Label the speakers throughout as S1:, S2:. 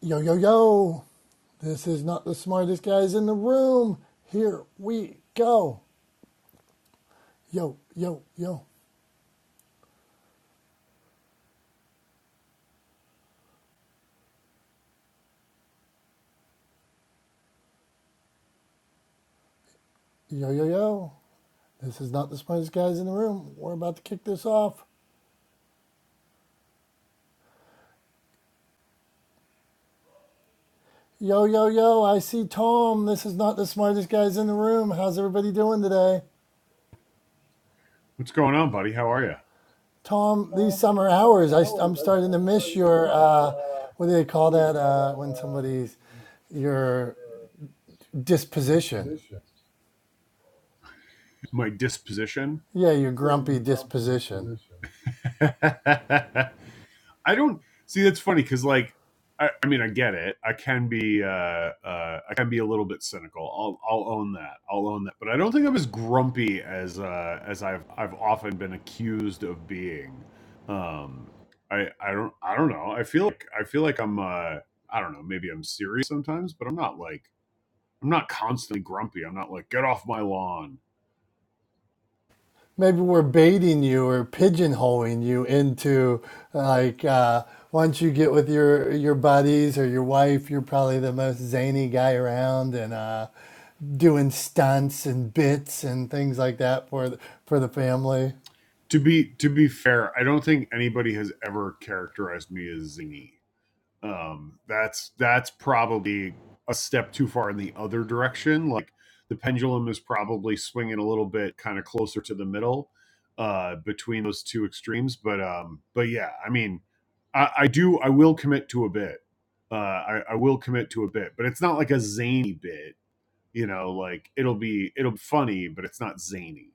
S1: Yo, yo, yo. This is not the smartest guys in the room. Here we go. Yo, yo, yo. Yo, yo, yo. This is not the smartest guys in the room. We're about to kick this off. Yo, yo, yo. I see Tom. This is not the smartest guys in the room. How's everybody doing today?
S2: What's going on, buddy? How are you?
S1: Tom, these summer hours, I, am starting to miss your, uh, what do they call that uh, when somebody's, your disposition.
S2: My disposition.
S1: Yeah, your grumpy disposition.
S2: I don't see. That's funny because, like, I, I mean, I get it. I can be, uh, uh, I can be a little bit cynical. I'll, I'll own that. I'll own that. But I don't think I'm as grumpy as, uh, as I've, I've often been accused of being. Um, I, I don't, I don't know. I feel like, I feel like I'm, uh, I don't know. Maybe I'm serious sometimes, but I'm not like, I'm not constantly grumpy. I'm not like, get off my lawn
S1: maybe we're baiting you or pigeonholing you into like uh, once you get with your your buddies or your wife you're probably the most zany guy around and uh, doing stunts and bits and things like that for the, for the family
S2: to be to be fair, I don't think anybody has ever characterized me as zany. Um, that's that's probably a step too far in the other direction. Like the pendulum is probably swinging a little bit kind of closer to the middle uh, between those two extremes. But um, but yeah, I mean, I, I do I will commit to a bit. Uh, I, I will commit to a bit, but it's not like a zany bit. You know, like it'll be it'll be funny, but it's not zany.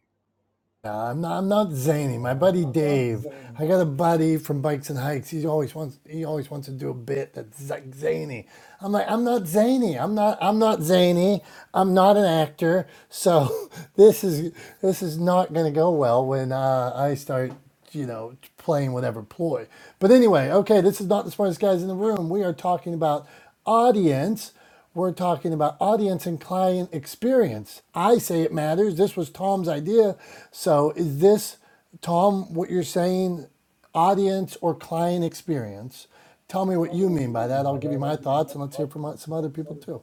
S1: Nah, I'm not. I'm not zany. My buddy Dave. I got a buddy from Bikes and Hikes. He always wants. He always wants to do a bit that's like zany. I'm like, I'm not zany. I'm not. I'm not zany. I'm not an actor. So this is this is not going to go well when uh, I start, you know, playing whatever ploy. But anyway, okay. This is not the smartest guys in the room. We are talking about audience. We're talking about audience and client experience. I say it matters. This was Tom's idea. So, is this, Tom, what you're saying, audience or client experience? Tell me what you mean by that. I'll give you my thoughts and let's hear from some other people too.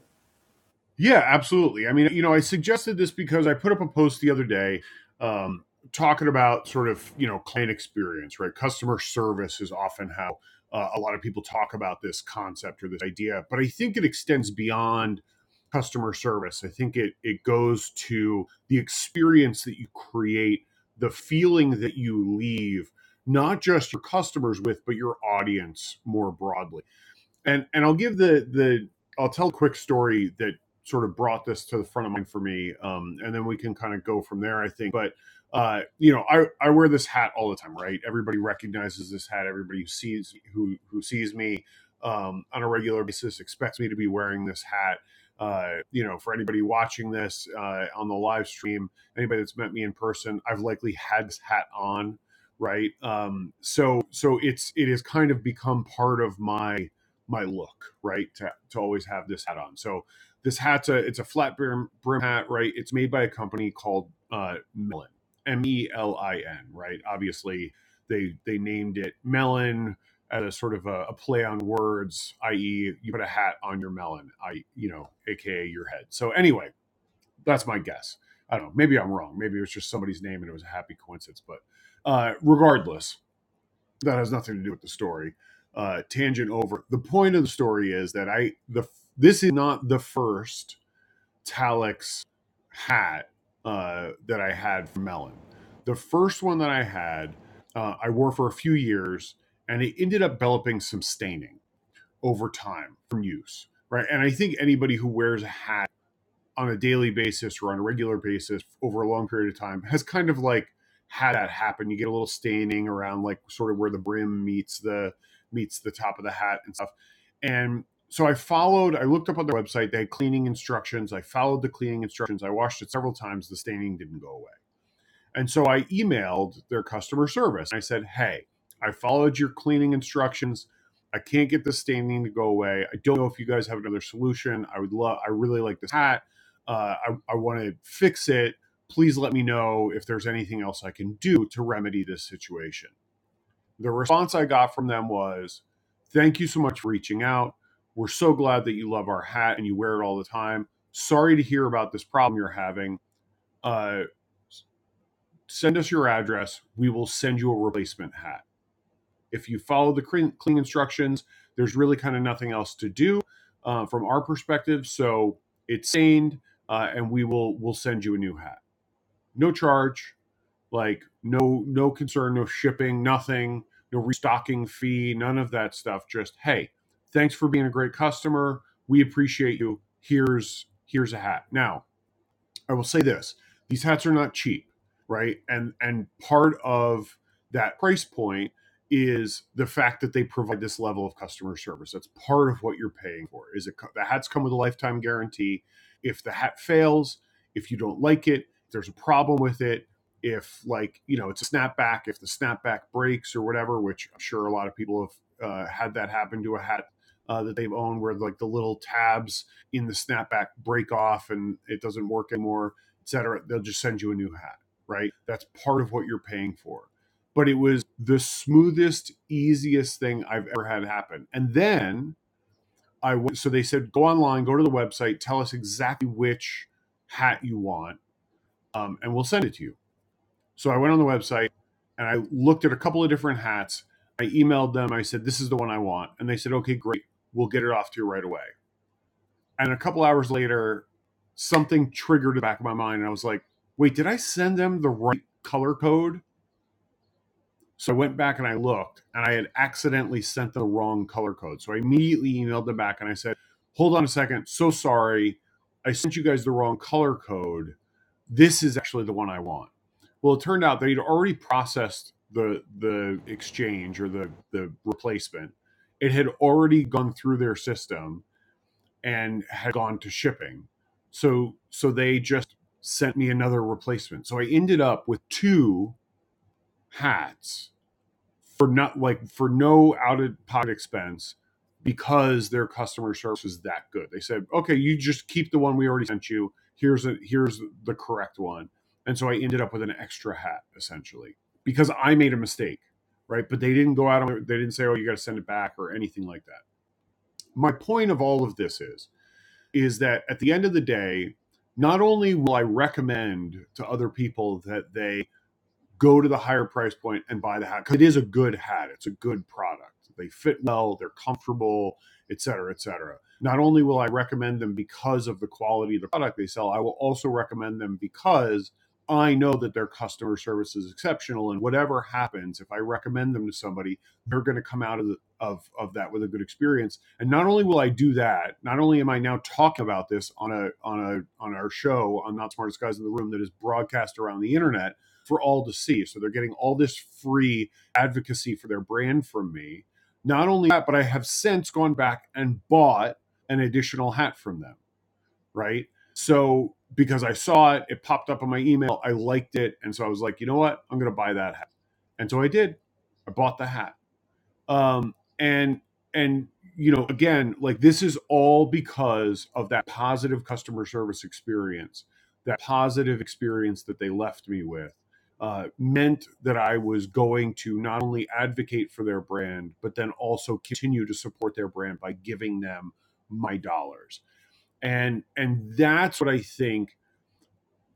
S2: Yeah, absolutely. I mean, you know, I suggested this because I put up a post the other day um, talking about sort of, you know, client experience, right? Customer service is often how uh, a lot of people talk about this concept or this idea, but I think it extends beyond customer service. I think it it goes to the experience that you create, the feeling that you leave not just your customers with, but your audience more broadly and and I'll give the the I'll tell a quick story that sort of brought this to the front of mind for me, um, and then we can kind of go from there. I think, but uh, you know, I I wear this hat all the time, right? Everybody recognizes this hat. Everybody who sees who who sees me um, on a regular basis expects me to be wearing this hat. Uh, you know, for anybody watching this uh, on the live stream, anybody that's met me in person, I've likely had this hat on, right? Um, so, so it's it has kind of become part of my my look, right? To, to always have this hat on. So this hat's a it's a flat brim, brim hat, right? It's made by a company called uh, Melon, M E L I N, right? Obviously, they they named it Melon as a sort of a, a play on words, i.e., you put a hat on your melon, I you know, aka your head. So anyway, that's my guess. I don't know. Maybe I'm wrong. Maybe it was just somebody's name and it was a happy coincidence. But uh, regardless, that has nothing to do with the story. Uh, tangent over. The point of the story is that I the this is not the first Talix hat uh, that I had from Melon. The first one that I had, uh, I wore for a few years, and it ended up developing some staining over time from use. Right, and I think anybody who wears a hat on a daily basis or on a regular basis over a long period of time has kind of like had that happen. You get a little staining around like sort of where the brim meets the meets the top of the hat and stuff. And so I followed, I looked up on their website, they had cleaning instructions. I followed the cleaning instructions. I washed it several times. The staining didn't go away and so I emailed their customer service. I said, Hey, I followed your cleaning instructions. I can't get this staining to go away. I don't know if you guys have another solution. I would love, I really like this hat. Uh, I, I want to fix it. Please let me know if there's anything else I can do to remedy this situation. The response I got from them was, Thank you so much for reaching out. We're so glad that you love our hat and you wear it all the time. Sorry to hear about this problem you're having. Uh, send us your address. We will send you a replacement hat. If you follow the clean, instructions, there's really kind of nothing else to do uh, from our perspective. So it's stained, uh, and we will we'll send you a new hat. No charge, like no no concern, no shipping, nothing, no restocking fee, none of that stuff. Just hey, thanks for being a great customer. We appreciate you. Here's here's a hat now I will say this: these hats are not cheap, right? And and part of that price point is the fact that they provide this level of customer service. That's part of what you're paying for. Is it the hats come with a lifetime guarantee? If the hat fails, if you don't like it, if there's a problem with it. If like you know, it's a snapback. If the snapback breaks or whatever, which I'm sure a lot of people have uh, had that happen to a hat uh, that they've owned, where like the little tabs in the snapback break off and it doesn't work anymore, et cetera, they'll just send you a new hat, right? That's part of what you're paying for. But it was the smoothest, easiest thing I've ever had happen. And then I went, so they said, go online, go to the website, tell us exactly which hat you want, um, and we'll send it to you. So I went on the website and I looked at a couple of different hats. I emailed them. I said, this is the one I want. And they said, okay, great. We'll get it off to you right away. And a couple hours later, something triggered the back of my mind. And I was like, wait, did I send them the right color code? So I went back and I looked and I had accidentally sent the wrong color code. So I immediately emailed them back and I said, hold on a second. So sorry. I sent you guys the wrong color code. This is actually the one I want. Well, it turned out they'd already processed the the exchange or the the replacement. It had already gone through their system and had gone to shipping. So so they just sent me another replacement. So I ended up with two hats for not like for no out of pocket expense because their customer service was that good. They said, "Okay, you just keep the one we already sent you. Here's a here's the correct one." And so I ended up with an extra hat essentially because I made a mistake, right? But they didn't go out on they didn't say, "Oh, you got to send it back" or anything like that. My point of all of this is is that at the end of the day, not only will I recommend to other people that they go to the higher price point and buy the hat because it is a good hat. It's a good product. They fit well, they're comfortable, et cetera, et cetera. Not only will I recommend them because of the quality of the product they sell, I will also recommend them because I know that their customer service is exceptional. And whatever happens, if I recommend them to somebody, they're going to come out of, the, of, of that with a good experience. And not only will I do that, not only am I now talking about this on a on a on our show on Not Smartest Guys in the Room that is broadcast around the internet, for all to see. So they're getting all this free advocacy for their brand from me. Not only that, but I have since gone back and bought an additional hat from them, right? So because I saw it, it popped up on my email, I liked it. And so I was like, you know what? I'm going to buy that hat. And so I did. I bought the hat um, and and you know again like this is all because of that positive customer service experience that positive experience that they left me with uh, meant that i was going to not only advocate for their brand but then also continue to support their brand by giving them my dollars and and that's what i think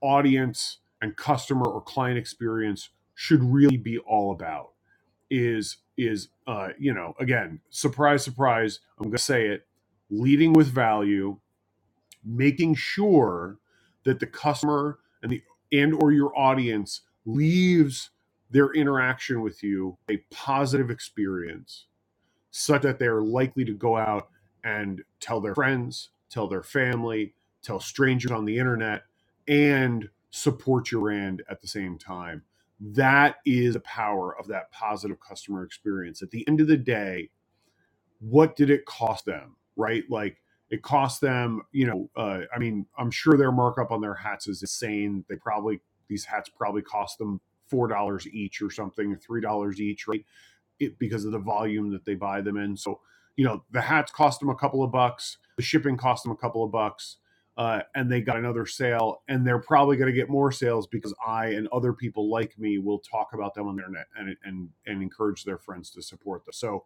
S2: audience and customer or client experience should really be all about is is uh, you know again surprise surprise i'm going to say it leading with value making sure that the customer and the and or your audience leaves their interaction with you a positive experience such that they're likely to go out and tell their friends, tell their family, tell strangers on the internet, and support your brand at the same time. That is the power of that positive customer experience. At the end of the day, what did it cost them, right? Like, it cost them, you know, uh, I mean, I'm sure their markup on their hats is insane. They probably, these hats probably cost them $4 each or something, $3 each, right? it because of the volume that they buy them in. So, you know, the hats cost them a couple of bucks, the shipping cost them a couple of bucks, uh, and they got another sale. And they're probably going to get more sales because I and other people like me will talk about them on the internet and and and encourage their friends to support them. So,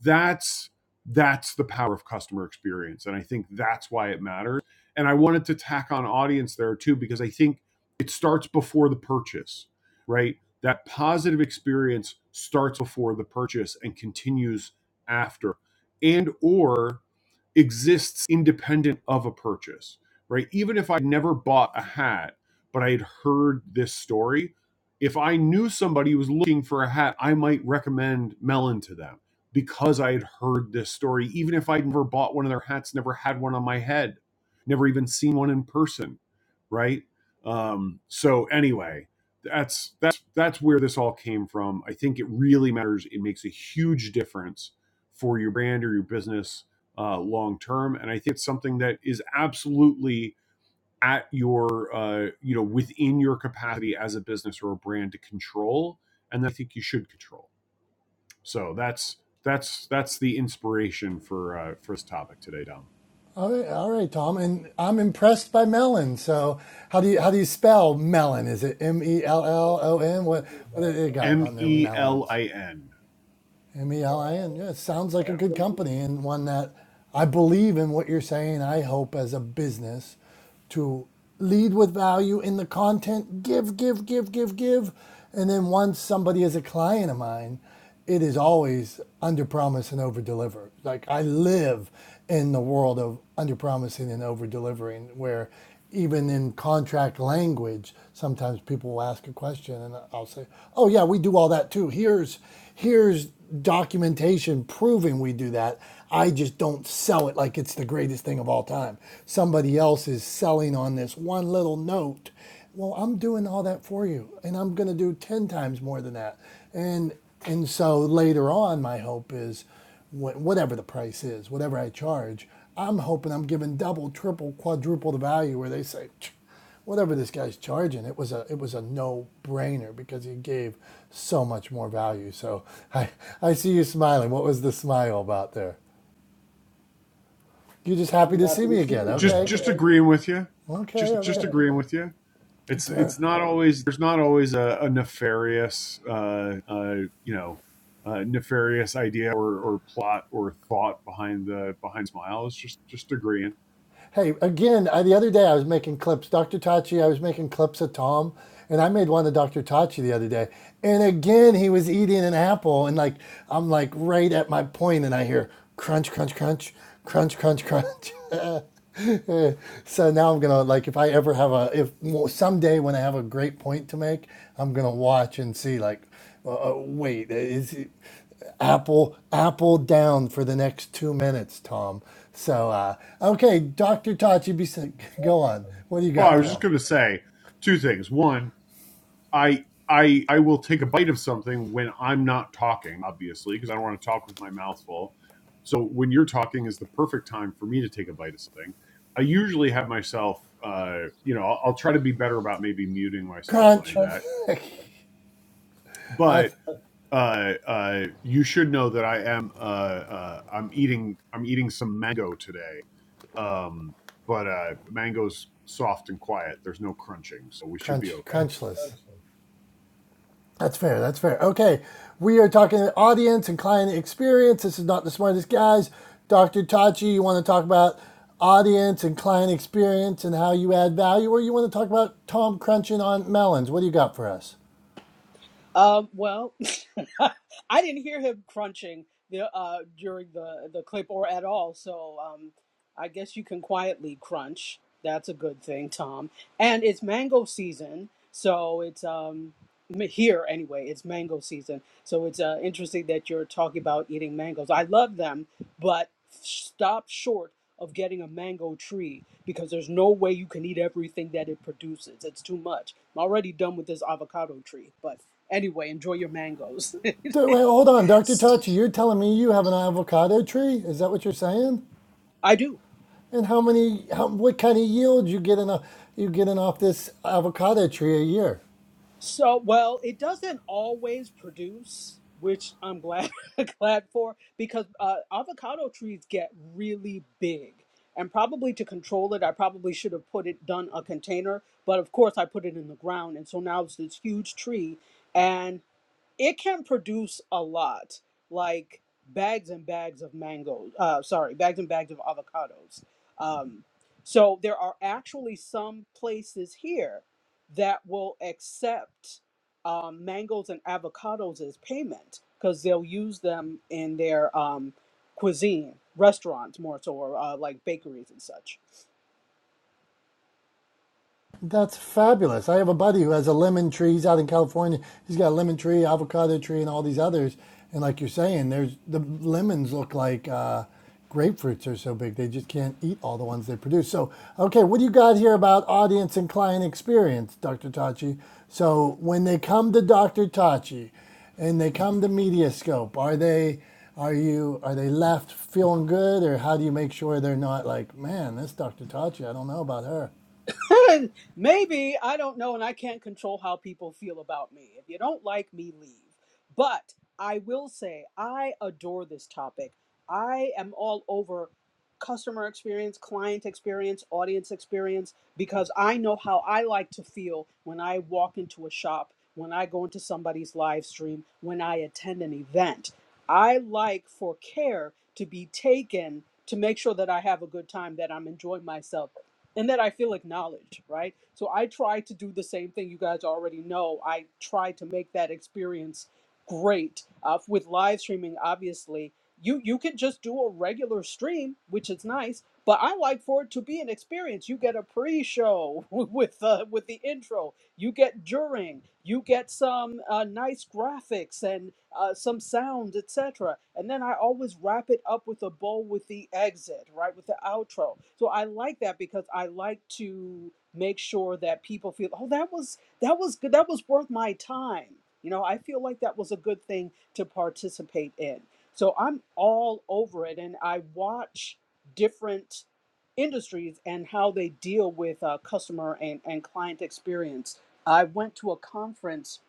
S2: that's that's the power of customer experience, and I think that's why it matters. And I wanted to tack on audience there too because I think it starts before the purchase, right? that positive experience starts before the purchase and continues after and or exists independent of a purchase right even if i never bought a hat but i had heard this story if i knew somebody who was looking for a hat i might recommend melon to them because i had heard this story even if i'd never bought one of their hats never had one on my head never even seen one in person right um so anyway that's that's that's where this all came from. I think it really matters. It makes a huge difference for your brand or your business uh, long term, and I think it's something that is absolutely at your uh, you know within your capacity as a business or a brand to control, and I think you should control. So that's that's that's the inspiration for uh, for this topic today, Dom.
S1: All right, all right, Tom. And I'm impressed by melon. So, how do you how do you spell melon? Is it M E L L O N? What what do they got
S2: M
S1: on their
S2: E L
S1: melons?
S2: I N.
S1: M E L I N. Yeah, it sounds like a good company and one that I believe in what you're saying. I hope as a business to lead with value in the content, give, give, give, give, give. And then once somebody is a client of mine, it is always under promise and over deliver. Like I live in the world of under promising and over delivering, where even in contract language, sometimes people will ask a question and I'll say, "Oh yeah, we do all that too. Here's here's documentation proving we do that. I just don't sell it like it's the greatest thing of all time. Somebody else is selling on this one little note. Well, I'm doing all that for you and I'm going to do 10 times more than that." And and so later on my hope is whatever the price is, whatever I charge, I'm hoping I'm giving double, triple, quadruple the value where they say, whatever this guy's charging, it was a it was a no brainer because he gave so much more value. So I I see you smiling. What was the smile about there? You're just happy to see me again.
S2: Just
S1: Okay, good.
S2: just agreeing with you. Just
S1: okay,
S2: just
S1: okay.
S2: agreeing with you. it's
S1: Fair.
S2: it's not always there's not always a, a nefarious uh, uh, you know uh, nefarious idea or, or plot or thought behind the behind smile it's just just agreeing
S1: Hey, again, I, the other day I was making clips. Dr. Tachi, I was making clips of Tom, and I made one of Dr. Tachi the other day. And again, he was eating an apple, and like I'm like right at my point, and I hear crunch, crunch, crunch, crunch, crunch, crunch. so now I'm gonna like if I ever have a if well, someday when I have a great point to make, I'm gonna watch and see like uh, uh, wait, uh, is it- Apple Apple down for the next two minutes, Tom? So uh, okay, Doctor Tachi, be s- go on. What do you
S2: well i
S1: got,
S2: was just
S1: Tom?
S2: going to say two things one i i i will take a bite of something when i'm not talking obviously because i don't want to talk with my mouth full so when you're talking is the perfect time for me to take a bite of something i usually have myself uh, you know I'll, I'll try to be better about maybe muting myself when i
S1: Crunch.
S2: do that but
S1: That's
S2: uh, uh, you should know that I am uh, uh, I'm eating I'm eating some mango today, um, but uh, mango's soft and quiet. There's no crunching, so we should be
S1: crunch
S2: okay.
S1: crunchless. That's fair. That's fair. Okay, we are talking audience and client experience. This is not the smartest guys. Doctor Tachi, you want to talk about audience and client experience and how you add value, or you want to talk about Tom crunching on melons? What do you got for us?
S3: Um, well, I didn't hear him crunching the uh, during the the clip or at all. So um, I guess you can quietly crunch. That's a good thing, Tom. And it's mango season, so it's um here anyway. It's mango season, so it's uh, interesting that you're talking about eating mangoes. I love them, but stop short of getting a mango tree because there's no way you can eat everything that it produces. It's too much. I'm already done with this avocado tree, but anyway, enjoy your mangoes.
S1: D- Wait, hold on, Doctor Tachi. You're telling me you have an avocado tree? Is that what you're saying?
S3: I do.
S1: And how many? How, what kind of yield you getting? off- You getting off this avocado tree a year?
S3: So, well, it doesn't always produce, which I'm glad glad for because uh, avocado trees get really big. And probably to control it, I probably should have put it done a container, but of course I put it in the ground and so now it's this huge tree and. it can produce a lot, like bags and bags of mangoes. Uh, sorry, bags and bags of avocados. Um, so there are actually some places here that will accept um, mangoes and avocados as payment because they'll use them in their um, cuisine, restaurants more so, or uh, like bakeries and such.
S1: That's fabulous. I have a buddy who has a lemon tree. He's out in California. He's got a lemon tree, avocado tree, and all these others. And like you're saying, there's the lemons look like uh, grapefruits are so big they just can't eat all the ones they produce. So, okay, what do you got here about audience and client experience, Dr. Tachi? So, when they come to Dr. Tachi and they come to Mediascope, are they are you are they left feeling good or how do you make sure they're not like, man, this Dr. Tachi, I don't know about her.
S3: Maybe, I don't know, and I can't control how people feel about me. If you don't like me, leave. But I will say, I adore this topic. I am all over customer experience, client experience, audience experience, because I know how I like to feel when I walk into a shop, when I go into somebody's live stream, when I attend an event. I like for care to be taken to make sure that I have a good time, that I'm enjoying myself and that I feel acknowledged, right? So I try to do the same thing. You guys already know. I try to make that experience great uh, with live streaming. Obviously, you you could just do a regular stream, which is nice. But I like for it to be an experience. You get a pre-show with uh, with the intro you get during, you get some uh, nice graphics and uh, some sounds, etc. And then I always wrap it up with a bow with the exit, right, with the outro. So I like that because I like to make sure that people feel, oh, that was that was good, that was worth my time. You know, I feel like that was a good thing to participate in. So I'm all over it, and I watch different industries and how they deal with uh, customer and, and client experience I went to a conference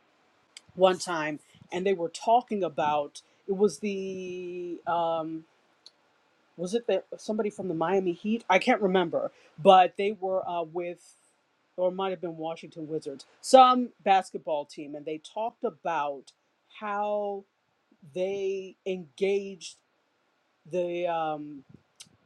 S3: one time and they were talking about it was the um, was it the somebody from the Miami Heat? I can't remember, but they were uh, with or it might have been Washington Wizards, some basketball team, and they talked about how they engaged the um,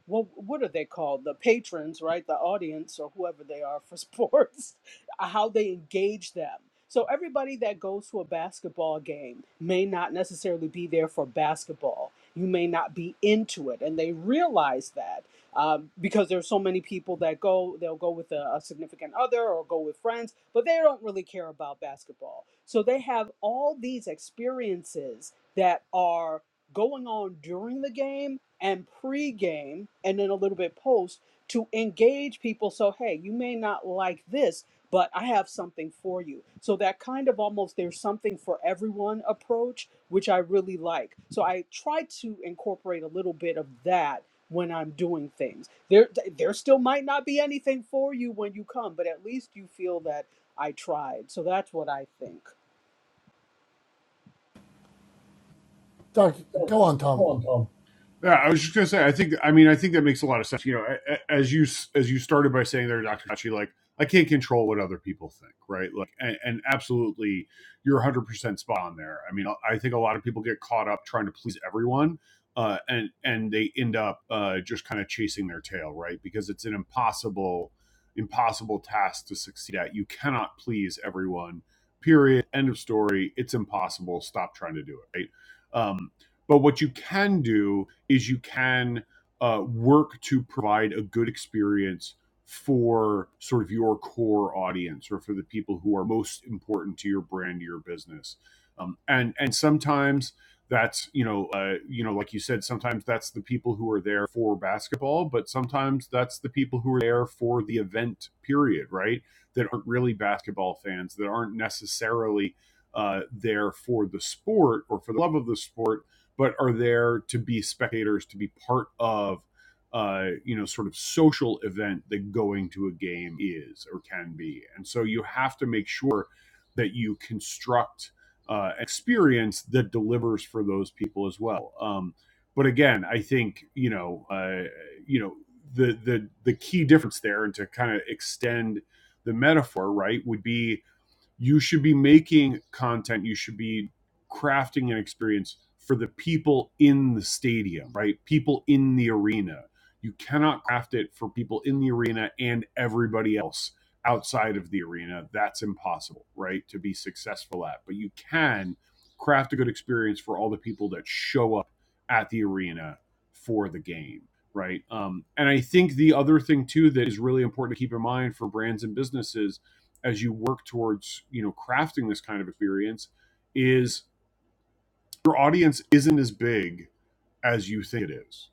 S3: what what are they called the patrons right the audience or whoever they are for sports how they engage them so everybody that goes to a basketball game may not necessarily be there for basketball you may not be into it and they realize that um, because there's so many people that go they'll go with a, a significant other or go with friends but they don't really care about basketball so they have all these experiences that are going on during the game and pre-game and then a little bit post to engage people so hey you may not like this but i have something for you so that kind of almost there's something for everyone approach which i really like so i try to incorporate a little bit of that when i'm doing things there there still might not be anything for you when you come but at least you feel that i tried so that's what i think
S1: Doctor, go on, Tom.
S2: Yeah, I was just gonna say. I think. I mean, I think that makes a lot of sense. You know, as you as you started by saying there, Doctor Tachi, like I can't control what other people think, right? Like, and, and absolutely, you're 100 percent spot on there. I mean, I think a lot of people get caught up trying to please everyone, uh, and and they end up uh, just kind of chasing their tail, right? Because it's an impossible, impossible task to succeed at. You cannot please everyone. Period. End of story. It's impossible. Stop trying to do it. Right. Um, but what you can do is you can uh, work to provide a good experience for sort of your core audience or for the people who are most important to your brand, your business. Um, and and sometimes that's you know uh, you know like you said sometimes that's the people who are there for basketball but sometimes that's the people who are there for the event period right that aren't really basketball fans that aren't necessarily uh, there for the sport or for the love of the sport but are there to be spectators, to be part of, uh, you know, sort of social event that going to a game is or can be. And so you have to make sure that you construct uh, experience that delivers for those people as well. Um, but again, I think you know, uh, you know, the the the key difference there, and to kind of extend the metaphor, right, would be you should be making content you should be crafting an experience for the people in the stadium right people in the arena you cannot craft it for people in the arena and everybody else outside of the arena that's impossible right to be successful at but you can craft a good experience for all the people that show up at the arena for the game right um, and i think the other thing too that is really important to keep in mind for brands and businesses as you work towards you know crafting this kind of experience is your audience isn't as big as you think it is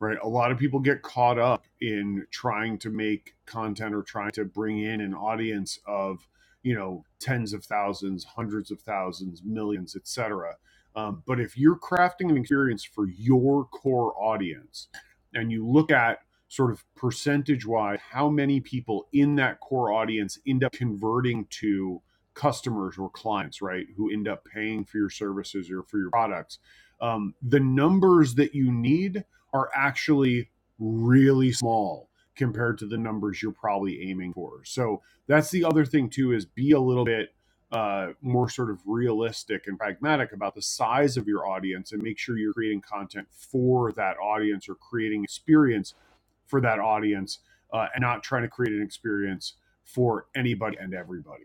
S2: right? A lot of people get caught up in trying to make content or trying to bring in an audience of, you know, tens of thousands, hundreds of thousands, millions, etc. Um, but if you're crafting an experience for your core audience, and you look at sort of percentage wise how many people in that core audience end up converting to customers or clients, right? Who end up paying for your services or for your products. Um, the numbers that you need are actually really small compared to the numbers you're probably aiming for. So that's the other thing too is be a little bit uh, more sort of realistic and pragmatic about the size of your audience and make sure you're creating content for that audience or creating experience for that audience uh, and not trying to create an experience for anybody and everybody.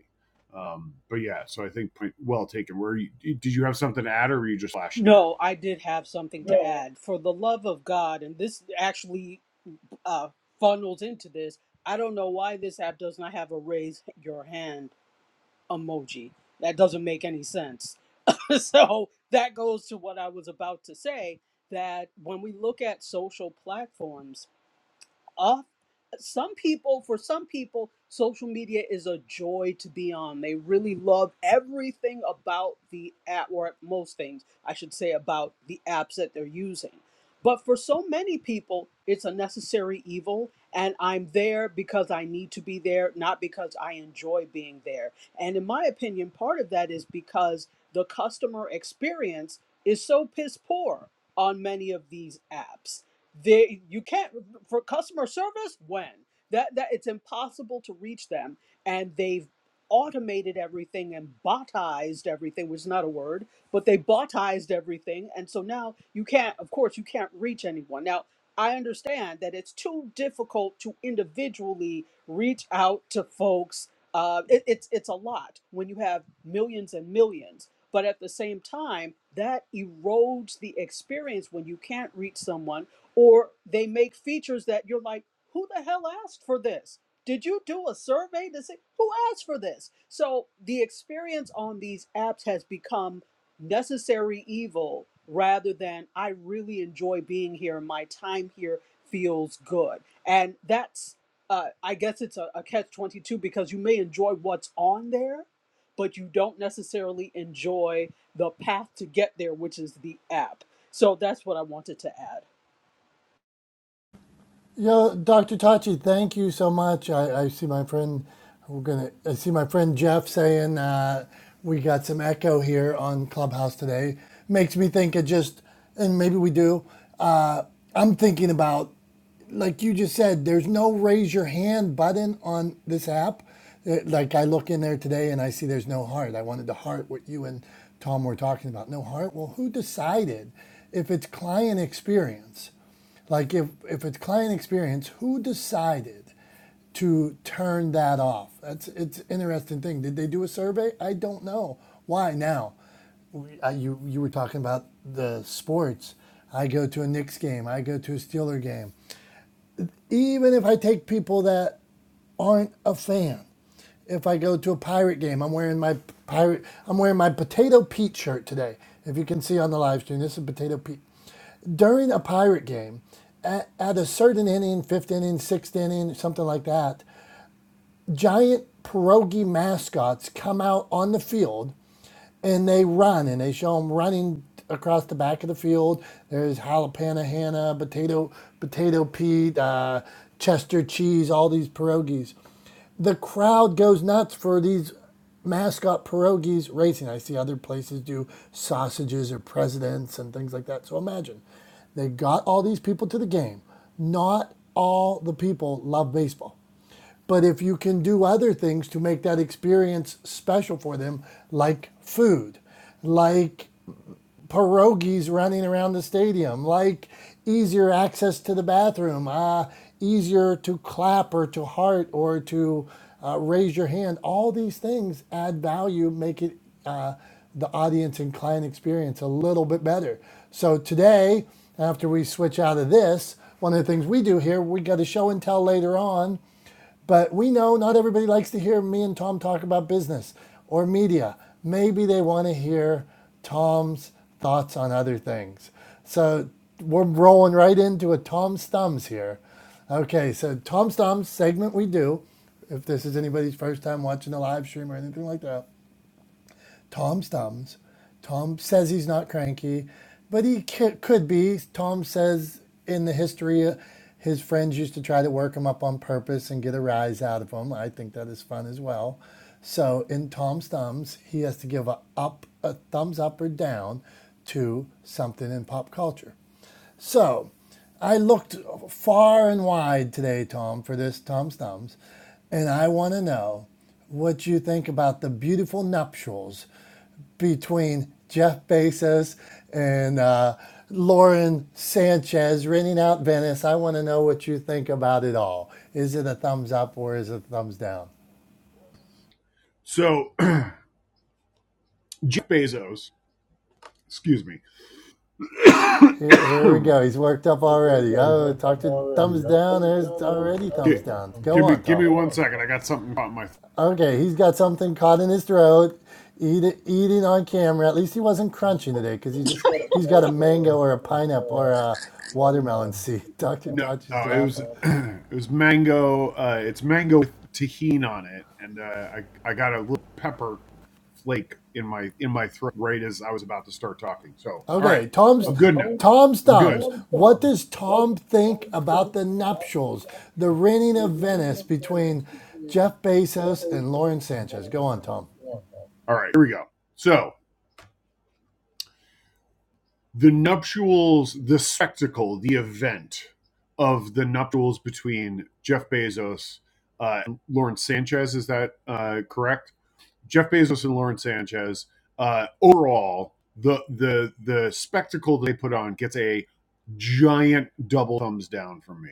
S2: Um, but yeah, so I think point well taken. Where you, did you have something to add, or were you just flashing there?
S3: No, I did have something to add. For the love of God, and this actually uh, funnels into this. I don't know why this app does not have a raise your hand emoji. That doesn't make any sense. so that goes to what I was about to say that when we look at social platforms, off some people for some people social media is a joy to be on they really love everything about the app or most things i should say about the apps that they're using but for so many people it's a necessary evil and i'm there because i need to be there not because i enjoy being there and in my opinion part of that is because the customer experience is so piss poor on many of these apps there you can't for customer service when that that it's impossible to reach them and they've automated everything and botized everything which is not a word but they botized everything and so now you can't of course you can't reach anyone now i understand that it's too difficult to individually reach out to folks uh, it, it's it's a lot when you have millions and millions but at the same time that erodes the experience when you can't reach someone or they make features that you're like, who the hell asked for this? Did you do a survey to say who asked for this? So the experience on these apps has become necessary evil rather than I really enjoy being here. My time here feels good. And that's, uh, I guess it's a, a catch 22 because you may enjoy what's on there, but you don't necessarily enjoy the path to get there, which is the app. So that's what I wanted to add.
S1: Yo, Doctor Tachi, thank you so much. I, I see my friend. We're gonna. I see my friend Jeff saying uh, we got some echo here on Clubhouse today. Makes me think it just, and maybe we do. Uh, I'm thinking about, like you just said, there's no raise your hand button on this app. Uh, Like I look in there today and I see there's no heart. I wanted to heart what you and Tom were talking about. No heart. Well, who decided if it's client experience? Like if if it's client experience, who decided to turn that off? That's it's an interesting thing. Did they do a survey? I don't know. Why now? I, you you were talking about the sports. I go to a Knicks game. I go to a Steeler game even if I take people that aren't a fan. If I go to a pirate game, I'm wearing my pirate. I'm wearing my potato Pete shirt today. If you can see on the live stream, this is potato Pete. During a pirate game, at, at a certain inning, fifth inning, sixth inning, something like that, giant pierogi mascots come out on the field and they run and they show them running across the back of the field. There's jalapeno Hannah, potato potato Pete, uh, Chester cheese, all these pierogies. The crowd goes nuts for these mascot pierogies racing. I see other places do sausages or presidents and things like that. So imagine they got all these people to the game. Not all the people love baseball. But if you can do other things to make that experience special for them, like food, like pierogies running around the stadium, like easier access to the bathroom, uh, easier to clap or to heart or to uh, raise your hand, all these things add value, make it uh, the audience and client experience a little bit better. So today, after we switch out of this, one of the things we do here, we got a show and tell later on but we know not everybody likes to hear me and Tom talk about business or media. Maybe they want to hear Tom's thoughts on other things. So we're rolling right into a Tom's Thumbs here. Okay, so Tom's Thumbs segment we do, if this is anybody's first time watching a live stream or anything like that Tom's thumbs. Tom says he's not cranky, but he c- could be. Tom says in the history, uh, his friends used to try to work him up on purpose and get a rise out of him. I think that is fun as well. So in Tom's thumbs, he has to give a up, a thumbs up or down to something in pop culture. So I looked far and wide today, Tom, for this Tom's Thumbs, and I want to know what you think about the beautiful nuptials between Jeff Bezos and uh, Lauren Sanchez renting out Venice. I want to know what you think about it all. Is it a thumbs up or is it a thumbs down?
S2: So Jeff Bezos Excuse me. Here
S1: Here, here we go.
S2: we
S1: He's worked up already. Oh, talk to thumbs down. There's already thumbs down. Go
S2: give me
S1: on,
S2: give me
S1: Tom.
S2: one second. I got something caught in my th-
S1: Okay, he's got something caught in his throat. Eat it, eating on camera. At least he wasn't crunching today because he just he's got a mango or a pineapple or a watermelon seed. Dr.
S2: no.
S1: Tachi's
S2: Oh, it was
S1: laughing.
S2: it was mango. Uh, it's mango with tahini on it, and uh, I I got a little pepper flake in my in my throat right as I was about to start talking. So all right,
S1: Okay,
S2: I'm
S1: Tom's
S2: good now.
S1: Tom's
S2: I'm good.
S1: thumbs. What does Tom think about the nuptials, the renting of Venice between Jeff Bezos and Lauren Sanchez? Go on, Tom.
S2: All right, here we go. So the nuptials, the spectacle, the event of the nuptials between Jeff Bezos uh, and Lawrence Sanchez. Is that uh, correct? Jeff Bezos and Lauren Sanchez. Uh, overall, the the the spectacle they put on gets a giant double thumbs down from me,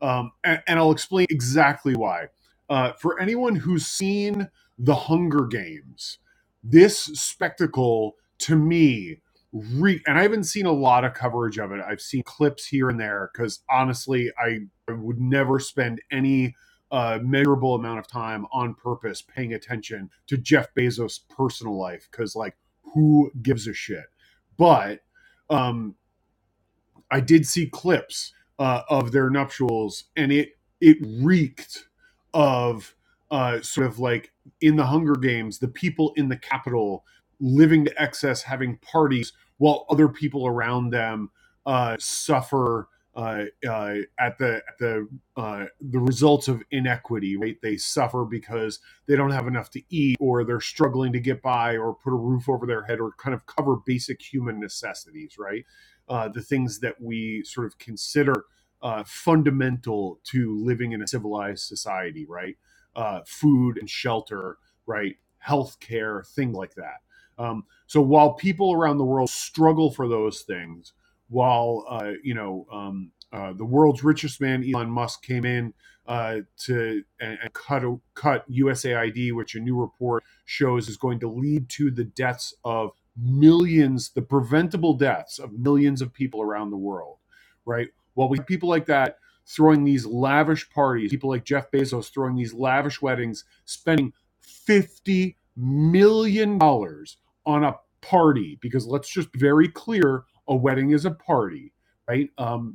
S2: um, and, and I'll explain exactly why. Uh, for anyone who's seen the Hunger Games, this spectacle to me re- and I haven't seen a lot of coverage of it. I've seen clips here and there because honestly, I, I would never spend any a measurable amount of time on purpose paying attention to Jeff Bezos' personal life because, like, who gives a shit? But um, I did see clips uh, of their nuptials, and it it reeked of uh, sort of like in the Hunger Games, the people in the capital living to excess, having parties while other people around them uh, suffer uh, uh, at the at the uh, the results of inequity. Right, they suffer because they don't have enough to eat, or they're struggling to get by, or put a roof over their head, or kind of cover basic human necessities. Right uh, the things that we sort of consider uh, fundamental to living in a civilized society, right? Uh, food and shelter, right? Healthcare, things like that. Um, so while people around the world struggle for those things, while uh, you know um, uh, the world's richest man Elon Musk came in uh, to and, and cut cut USAID, which a new report shows is going to lead to the deaths of millions, the preventable deaths of millions of people around the world, right? While we have people like that throwing these lavish parties, people like Jeff Bezos throwing these lavish weddings, spending $50 million dollars on a party, because let's just be very clear a wedding is a party, right? Um,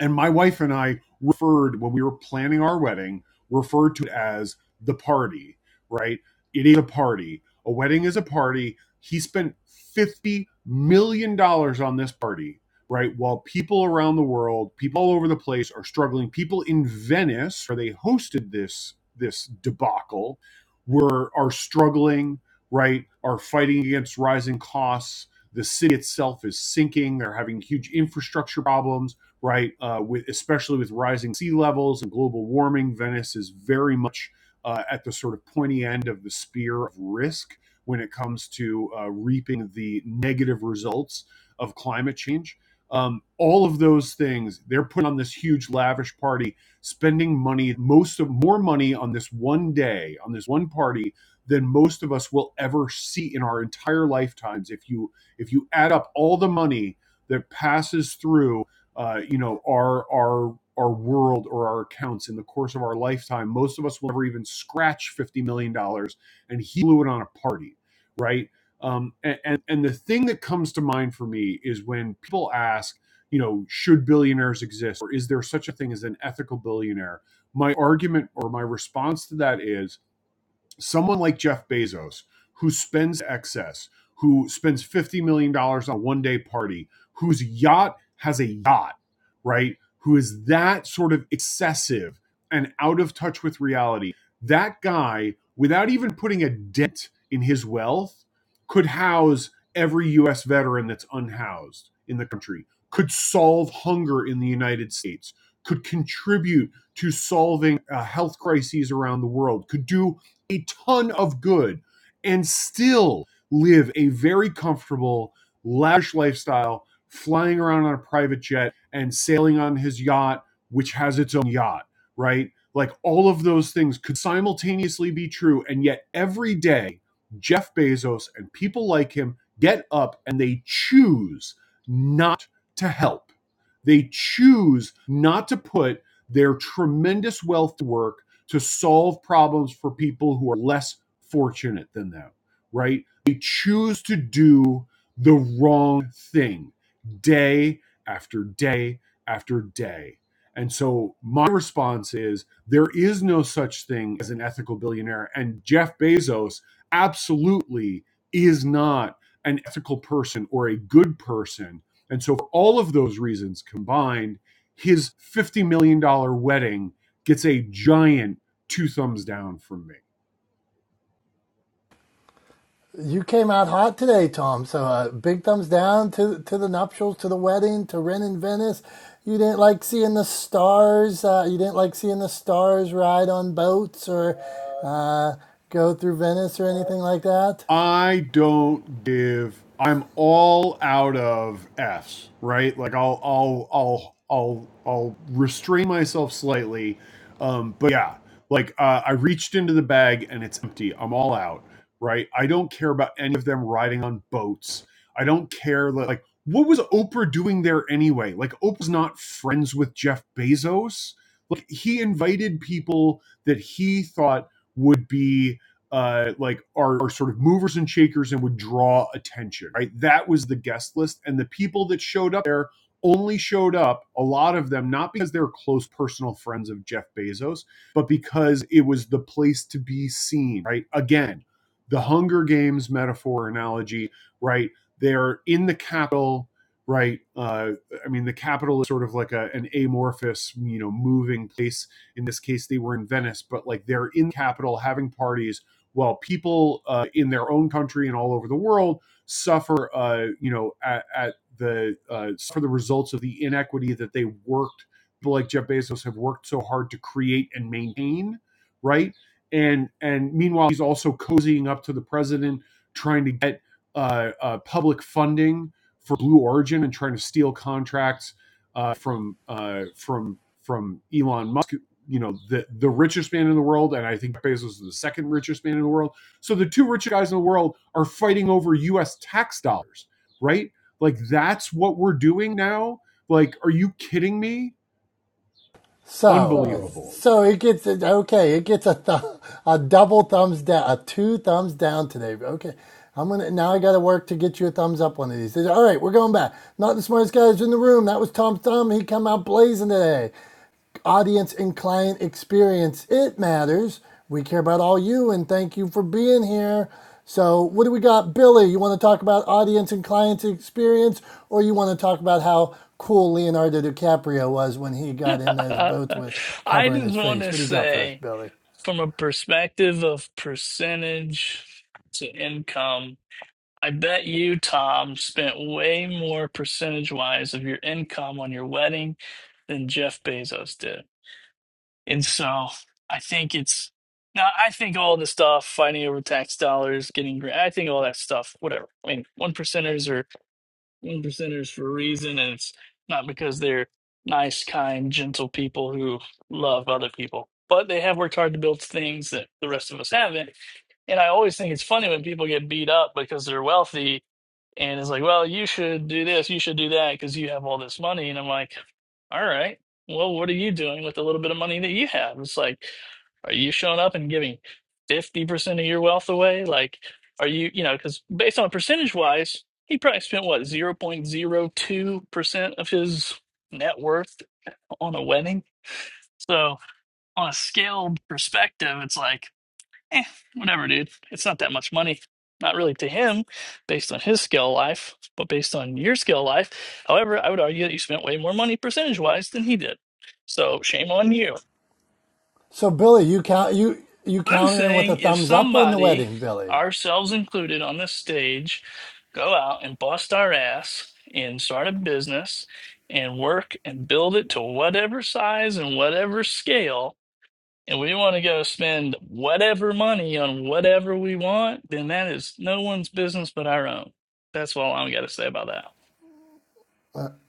S2: and my wife and I referred, when we were planning our wedding, referred to it as the party, right? It is a party. A wedding is a party. He spent $50 million dollars on this party, right? While people around the world, people all over the place are struggling. People in Venice, where they hosted this this debacle, were are struggling, right? Are fighting against rising costs. The city itself is sinking. They're having huge infrastructure problems right? Uh, with especially with rising sea levels and global warming, Venice is very much uh, at the sort of pointy end of the spear of risk when it comes to uh, reaping the negative results of climate change. Um, all of those things, they're putting on this huge lavish party, spending money, most of more money on this one day, on this one party than most of us will ever see in our entire lifetimes. If you if you add up all the money that passes through uh, you know our our our world or our accounts in the course of our lifetime most of us will never even scratch 50 million dollars and he blew it on a party right um, and, and and the thing that comes to mind for me is when people ask you know should billionaires exist or is there such a thing as an ethical billionaire my argument or my response to that is someone like Jeff Bezos who spends excess, who spends $50 million dollars on a one day party, whose yacht has a yacht, right? Who is that sort of excessive and out of touch with reality. That guy, without even putting a dent in his wealth, could house every US veteran that's unhoused in the country, could solve hunger in the United States, could contribute to solving uh, health crises around the world, could do a ton of good and still live a very comfortable, lavish lifestyle, flying around on a private jet and sailing on his yacht, which has its own yacht, right? Like all of those things could simultaneously be true. And yet every day, Jeff Bezos and people like him get up and they choose not to help. They choose not to put their tremendous wealth to work to solve problems for people who are less fortunate than them, right? They choose to do the wrong thing day after day after day. And so my response is there is no such thing as an ethical billionaire. And Jeff Bezos absolutely is not an ethical person or a good person. And so, for all of those reasons combined, his $50 million dollars wedding gets a giant two thumbs down from me.
S1: You came out hot today, Tom. So uh, big thumbs down to to the nuptials, to the wedding, to renting Venice. You didn't like seeing the stars. Uh, you didn't like seeing the stars ride on boats or uh, go through Venice or anything like that.
S2: I don't give I'm all out of F's, right? Like I'll I'll I'll I'll I'll restrain myself slightly. Um but yeah, like uh, I reached into the bag and it's empty. I'm all out, right? I don't care about any of them riding on boats. I don't care like what was Oprah doing there anyway? Like Oprah's not friends with Jeff Bezos. Like he invited people that he thought would be uh, like are, are sort of movers and shakers and would draw attention, right? That was the guest list. And the people that showed up there only showed up, a lot of them, not because they're close personal friends of Jeff Bezos, but because it was the place to be seen, right? Again, the Hunger Games metaphor analogy, right? They're in the capital, right? Uh, I mean, the capital is sort of like a, an amorphous, you know, moving place. In this case, they were in Venice, but like they're in the capital having parties while people uh, in their own country and all over the world suffer, uh, you know, at, at the uh, for the results of the inequity that they worked, people like Jeff Bezos have worked so hard to create and maintain, right? And and meanwhile, he's also cozying up to the president, trying to get uh, uh, public funding for Blue Origin and trying to steal contracts uh, from uh, from from Elon Musk you know the the richest man in the world, and I think Bezos is the second richest man in the world. So the two richest guys in the world are fighting over U.S. tax dollars, right? Like that's what we're doing now. Like, are you kidding me?
S1: So,
S2: Unbelievable.
S1: so it gets okay. It gets a th- a double thumbs down, a two thumbs down today. Okay, I'm gonna now. I got to work to get you a thumbs up one of these. All right, we're going back. Not the smartest guys in the room. That was Tom Thumb. He come out blazing today audience and client experience. It matters. We care about all you and thank you for being here. So, what do we got, Billy? You want to talk about audience and client experience, or you want to talk about how cool Leonardo DiCaprio was when he got in those boats with
S4: I
S1: covering
S4: just
S1: his
S4: want
S1: face?
S4: to
S1: What do you got for us,
S4: say,
S1: Billy?
S4: from a perspective of percentage to income, I bet you, Tom, spent way more percentage wise of your income on your wedding than Jeff Bezos did. And so I think it's now, I think all the stuff, fighting over tax dollars, getting, gra- I think all that stuff, whatever. I mean, one percenters are one percenters for a reason, and it's not because they're nice, kind, gentle people who love other people. But they have worked hard to build things that the rest of us haven't. And I always think it's funny when people get beat up because they're wealthy and it's like, well, you should do this, you should do that because you have all this money. And I'm like, all right, well, what are you doing with the little bit of money that you have? It's like, are you showing up and giving 50% of your wealth away? Like, are you, you know, because based on percentage wise, he probably spent what, 0.02% of his net worth on a wedding? So, on a scaled perspective, it's like, eh, whatever, dude. It's not that much money. Not really to him, based on his scale of life, but based on your scale of life. However, I would argue that you spent way more money percentage wise than he did. So, shame on you
S1: So, Billy, you count you you
S4: I'm
S1: countering with a
S4: saying if
S1: thumbs up on the
S4: somebody,
S1: wedding, Billy.
S4: ourselves included on this stage, go out and bust our ass and start a business and work and build it to whatever size and whatever scale, and we want to go spend whatever money on whatever we want, then that is no one's business but our own. That's all I'm got to say about that.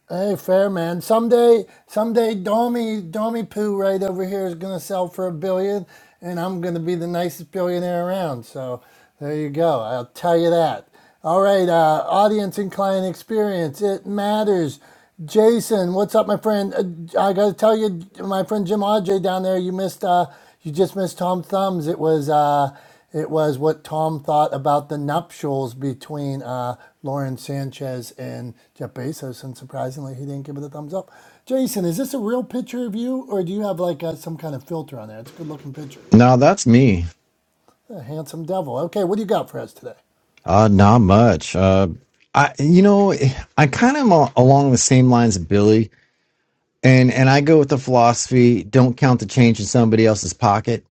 S1: Hey, fair man. Someday, someday, Domi, Domi Poo right over here is gonna sell for a billion, and I'm gonna be the nicest billionaire around. So there you go. I'll tell you that. All right, uh, audience and client experience, it matters. Jason, what's up, my friend? Uh, I gotta tell you, my friend Jim Aj down there, you missed. Uh, you just missed Tom Thumbs. It was. Uh, it was what Tom thought about the nuptials between uh, Lauren Sanchez and Jeff Bezos, and surprisingly, he didn't give it a thumbs up. Jason, is this a real picture of you, or do you have like uh some kind of filter on there? It's a good looking picture.
S5: No, that's me.
S1: A handsome devil. Okay, what do you got for us today?
S5: Uh, not much. Uh, I, you know, I kind of am al- along the same lines of Billy, and and I go with the philosophy: don't count the change in somebody else's pocket.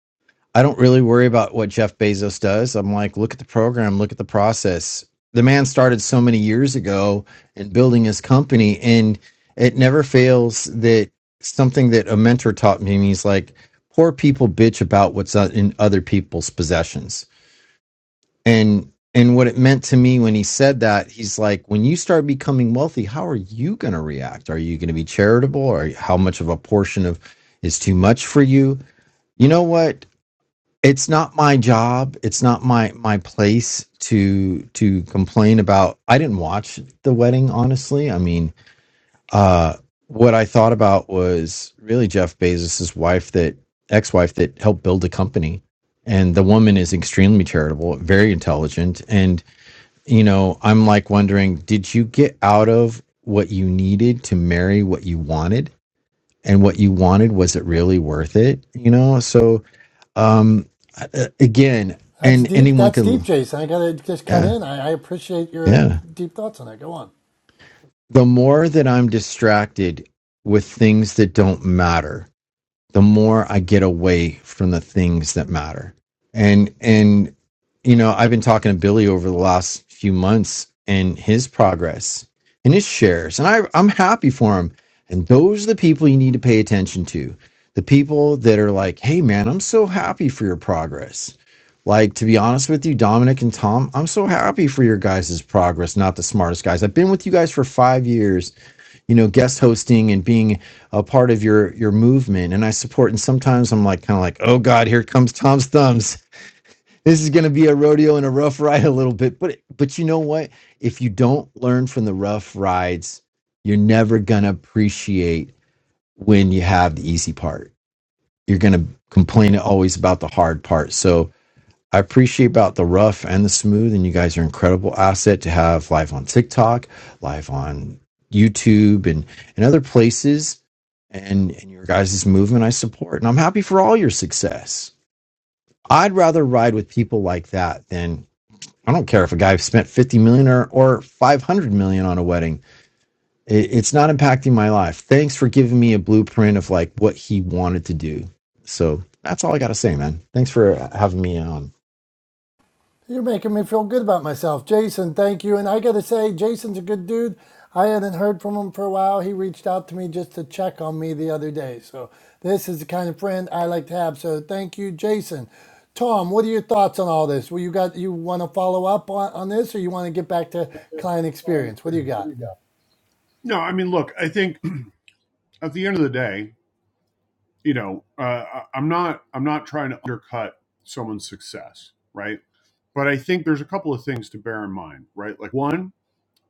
S5: I don't really worry about what Jeff Bezos does. I'm like, look at the program, look at the process. The man started so many years ago in building his company, and it never fails that something that a mentor taught me. And he's like, poor people bitch about what's in other people's possessions and and what it meant to me when he said that he's like when you start becoming wealthy how are you going to react are you going to be charitable or how much of a portion of is too much for you you know what it's not my job it's not my my place to to complain about i didn't watch the wedding honestly i mean uh what i thought about was really jeff bezos's wife that ex-wife that helped build the company and the woman is extremely charitable very intelligent and you know, I'm like wondering, did you get out of what you needed to marry what you wanted? And what you wanted, was it really worth it? You know, so um again,
S1: That's
S5: and
S1: deep.
S5: anyone
S1: That's deep,
S5: can
S1: Jason. I got to just cut
S5: yeah,
S1: in. I, I appreciate your
S5: yeah.
S1: deep thoughts on that. Go on.
S5: The more that I'm distracted with things that don't matter, the more I get away from the things that matter. And and you know, I've been talking to Billy over the last few months and his progress and his shares, and I I'm happy for him. And those are the people you need to pay attention to. The people that are like, "Hey man, I'm so happy for your progress." Like to be honest with you, Dominic and Tom, I'm so happy for your guys' progress, not the smartest guys. I've been with you guys for 5 years you know guest hosting and being a part of your your movement and i support and sometimes i'm like kind of like oh god here comes tom's thumbs this is going to be a rodeo and a rough ride a little bit but but you know what if you don't learn from the rough rides you're never going to appreciate when you have the easy part you're going to complain always about the hard part so I appreciate about the rough and the smooth, and you guys are an incredible asset to have live on TikTok, live on YouTube, and and other places. And and your guys' movement I support, and I'm happy for all your success. I'd rather ride with people like that than I don't care if a guy spent 50 million or, or 500 million on a wedding. It, it's not impacting my life. Thanks for giving me a blueprint of like what he wanted to do. So that's all I got to say, man. Thanks for having me on.
S1: You're making me feel good about myself. Jason, thank you. And I got to say, Jason's a good dude. I hadn't heard from him for a while. He reached out to me just to check on me the other day. So, this is the kind of friend I like to have. So, thank you, Jason. Tom, what are your thoughts on all this? Well, you got you want to follow up on, on this or you want to get back to client experience? What do you got?
S2: No, I mean, look, I think at the end of the day, you know, uh, I- I'm not I'm not trying to undercut someone's success, right? But I think there's a couple of things to bear in mind, right? Like one,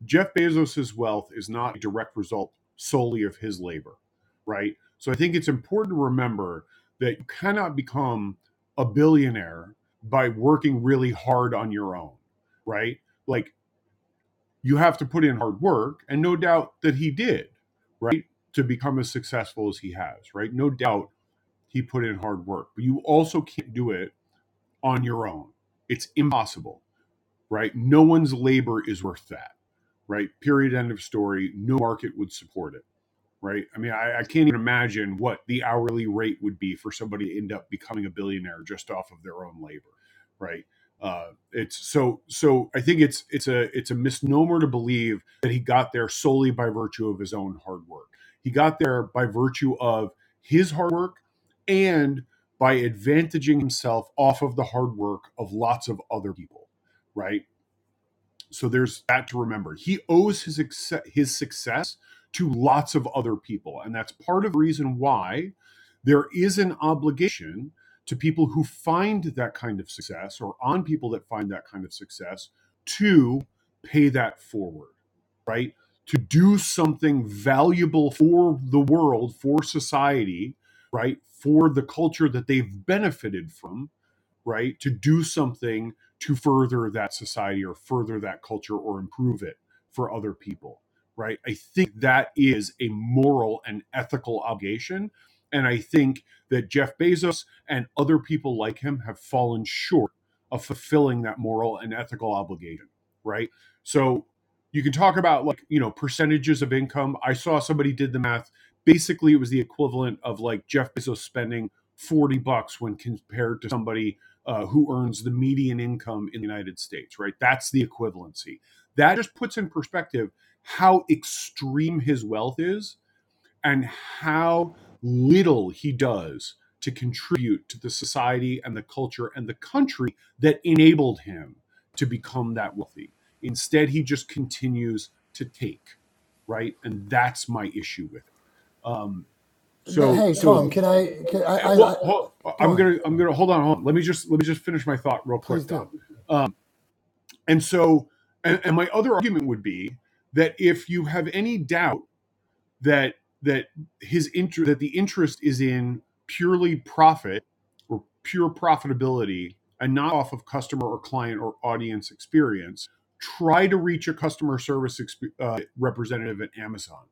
S2: Jeff Bezos's wealth is not a direct result solely of his labor, right? So I think it's important to remember that you cannot become a billionaire by working really hard on your own, right? Like you have to put in hard work, and no doubt that he did, right? To become as successful as he has, right? No doubt he put in hard work, but you also can't do it on your own. It's impossible, right? No one's labor is worth that right? Period. End of story. No market would support it, right? I mean, I, I can't even imagine what the hourly rate would be for somebody to end up becoming a billionaire just off of their own labor, right? Uh, it's so so. I think it's it's a it's a misnomer to believe that he got there solely by virtue of his own hard work. He got there by virtue of his hard work and by advantaging himself off of the hard work of lots of other people, right? So there's that to remember. He owes his exce- his success to lots of other people, and that's part of the reason why there is an obligation to people who find that kind of success or on people that find that kind of success to pay that forward, right? To do something valuable for the world, for society, right? For the culture that they've benefited from right? To do something to further that society or further that culture or improve it for other people, right? I think that is a moral and ethical obligation. And I think that Jeff Bezos and other people like him have fallen short of fulfilling that moral and ethical obligation, right? So you can talk about like, you know, percentages of income. I saw somebody did the math. Basically, it was the equivalent of like Jeff Bezos spending 40 bucks when compared to somebody uh, who earns the median income in the United States, right? That's the equivalency. That just puts in perspective how extreme his wealth is and how little he does to contribute to the society and the culture and the country that enabled him to become that wealthy. Instead, he just continues to take, right? And that's my issue with it. Um,
S1: The-
S2: so,
S1: hey, Tom,
S2: so
S1: can I, can I,
S2: Eh,
S1: I,
S2: well
S1: I
S2: hold,
S1: go
S2: i'm
S1: on.
S2: gonna i'm gonna hold on, hold on let me just let me just finish my thought real quick
S1: Please
S2: dom
S1: do.
S2: um, and so and, and my other argument would be that if you have any doubt that that his inter that the interest is in purely profit or pure profitability and not off of customer or client or audience experience try to reach a customer service exp- uh, representative at amazon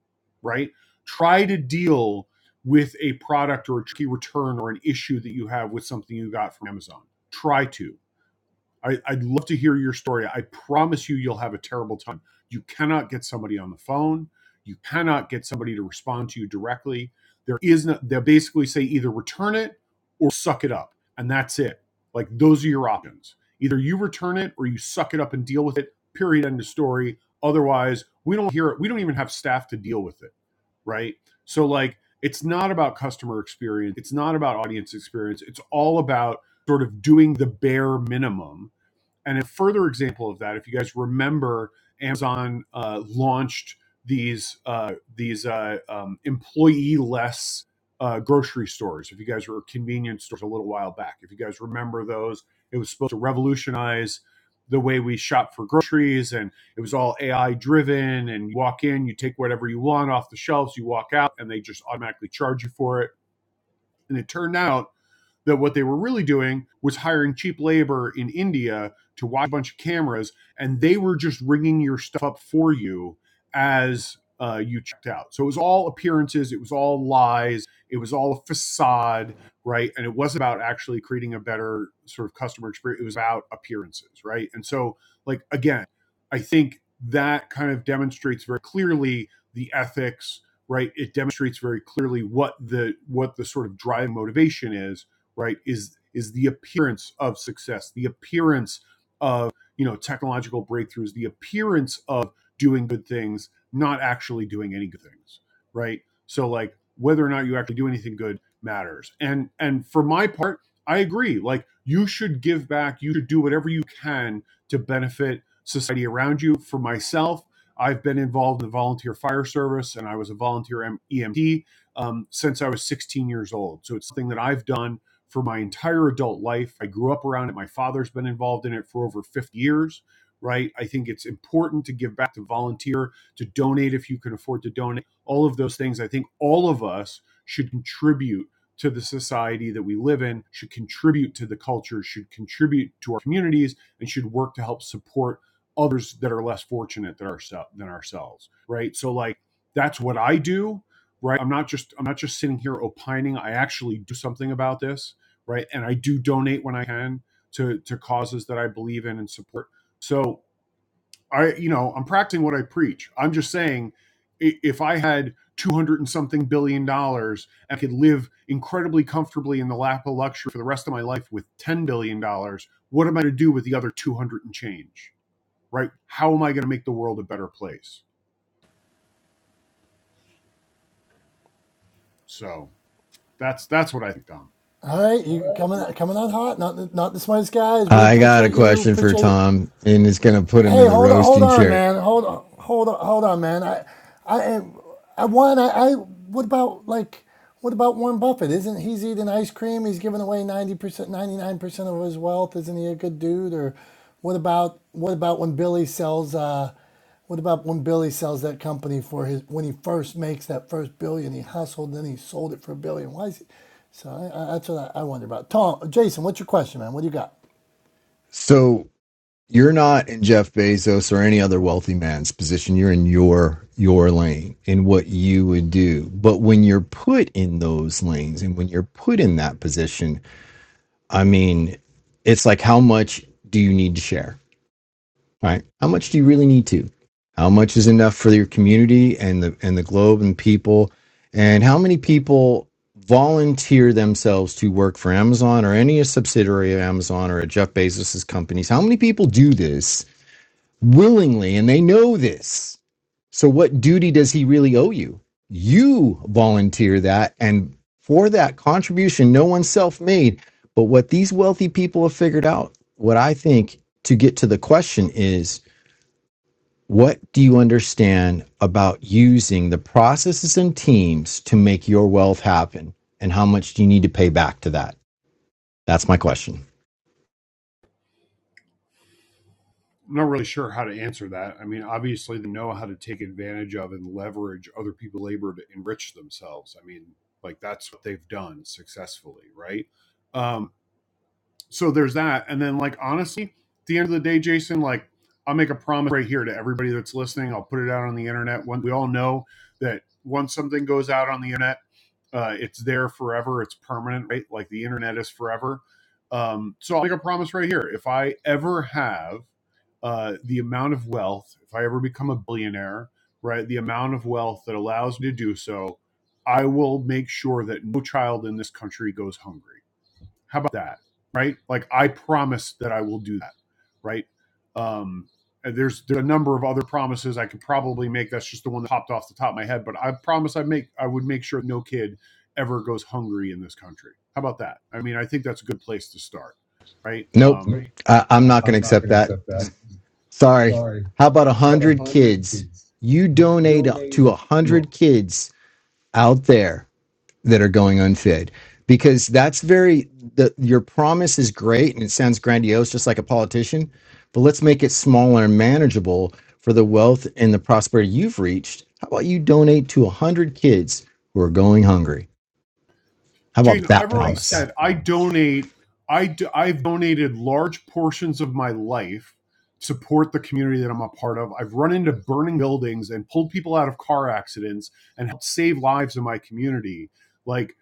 S2: right try to deal with a product or a tricky return or an issue that you have with something you got from amazon try to I, I'd love to hear your story. I promise you, you'll have a terrible time. You cannot get somebody on the phone. You cannot get somebody to respond to you directly. There is no, they'll basically say either return it or suck it up. And that's it. Like those are your options. Either you return it or you suck it up and deal with it, period, end of story. Otherwise, we don't hear it. We don't even have staff to deal with it. Right. So, like, it's not about customer experience. It's not about audience experience. It's all about sort of doing the bare minimum and a further example of that, if you guys remember, Amazon uh, launched these uh, these uh, um, employee less uh, grocery stores. If you guys were convenience stores a little while back, if you guys remember those, it was supposed to revolutionize the way we shop for groceries, and it was all AI driven. And you walk in, you take whatever you want off the shelves, you walk out, and they just automatically charge you for it. And it turned out that what they were really doing was hiring cheap labor in India to watch a bunch of cameras, and they were just ringing your stuff up for you as uh, you checked out. So it was all appearances, it was all lies, it was all a facade, right? And it wasn't about actually creating a better sort of customer experience. It was about appearances, right? And so, like again, I think that kind of demonstrates very clearly the ethics right it demonstrates very clearly what the what the sort of driving motivation is right is is the appearance of success the appearance of you know technological breakthroughs the appearance of doing good things not actually doing any good things right so like whether or not you actually do anything good matters and and for my part i agree like you should give back you should do whatever you can to benefit society around you for myself i've been involved in the volunteer fire service and i was a volunteer E M- emt um, since i was 16 years old so it's something that i've done for my entire adult life. I grew up around it. My father's been involved in it for over 50 years, right? I think it's important to give back, to volunteer, to donate if you can afford to donate, all of those things. I think all of us should contribute to the society that we live in, should contribute to the culture, should contribute to our communities, and should work to help support others that are less fortunate than, ourse- than ourselves, right? So, like, that's what I do right i'm not just i'm not just sitting here opining i actually do something about this right? And I do donate when I can to to causes that I believe in and support. So I, you know, I'm practicing what I preach. I'm just saying, if I had 200 and something billion dollars, I could live incredibly comfortably in the lap of luxury for the rest of my life with 10 billion dollars. What am I going to do with the other 200 and change, right? How am I going to make the world a better place? So that's that's what I think, Dom.
S1: All right, you coming out coming out hot. Not the- not the smartest guys. We
S5: I got a
S1: appreciate you.
S5: question for
S1: Appreciate
S5: Tom, and it's going to put him in
S1: Hey,
S5: the
S1: hold on, hold
S5: roasting
S1: on,
S5: chair.
S1: man. Hold on, hold on, hold on, man. I, I, I want. I, I. What about like? What about Warren Buffett? Isn't he's eating ice cream? He's giving away ninety percent, ninety nine percent of his wealth. Isn't he a good dude? Or what about what about when Billy sells? Uh, what about when Billy sells that company for his when he first makes that first billion? He hustled, then he sold it for a billion. Why is he? So I, I, that's what I, I wonder about. Tom, Jason, what's your question, man? What do you got?
S5: So you're not in Jeff Bezos or any other wealthy man's position. You're in your your lane in what you would do. But when you're put in those lanes and when you're put in that position, I mean, it's like how much do you need to share? Right? How much do you really need to? How much is enough for your community and the and the globe and people? And how many people volunteer themselves to work for Amazon or any subsidiary of Amazon or a Jeff Bezos's companies? How many people do this willingly and they know this? So what duty does he really owe you? You volunteer that and for that contribution, no one's self-made. But what these wealthy people have figured out, what I think to get to the question is what do you understand about using the processes and teams to make your wealth happen? And how much do you need to pay back to that? That's my question.
S2: I'm not really sure how to answer that. I mean, obviously, they know how to take advantage of and leverage other people's labor to enrich themselves. I mean, like that's what they've done successfully, right? Um, so there's that. And then, like, honestly, at the end of the day, Jason, like, I'll make a promise right here to everybody that's listening. I'll put it out on the internet. One, we all know that once something goes out on the internet, uh, it's there forever. It's permanent, right? Like the internet is forever. Um, so I'll make a promise right here. If I ever have uh, the amount of wealth, if I ever become a billionaire, right, the amount of wealth that allows me to do so, I will make sure that no child in this country goes hungry. How about that? Right? Like I promise that I will do that. Right? Um, there's there's a number of other promises I could probably make. That's just the one that popped off the top of my head. But I promise I make I would make sure no kid ever goes hungry in this country. How about that? I mean, I think that's a good place to start. Right?
S5: Nope.
S2: Um,
S5: I, I'm not going to accept that. Sorry. How about a 100 kids? You donate to a 100 kids out there that are going unfed because that's very the your promise is great and it sounds grandiose just like a politician but let's make it smaller and manageable for the wealth and the prosperity you've reached how about you donate to 100 kids who are going hungry how about
S2: Jason,
S5: that
S2: I've already okay.
S5: promise
S2: said I donate. I do, I've donated large portions of my life to support the community that I'm a part of. I've run into burning buildings and pulled people out of car accidents and helped save lives in my community. Like,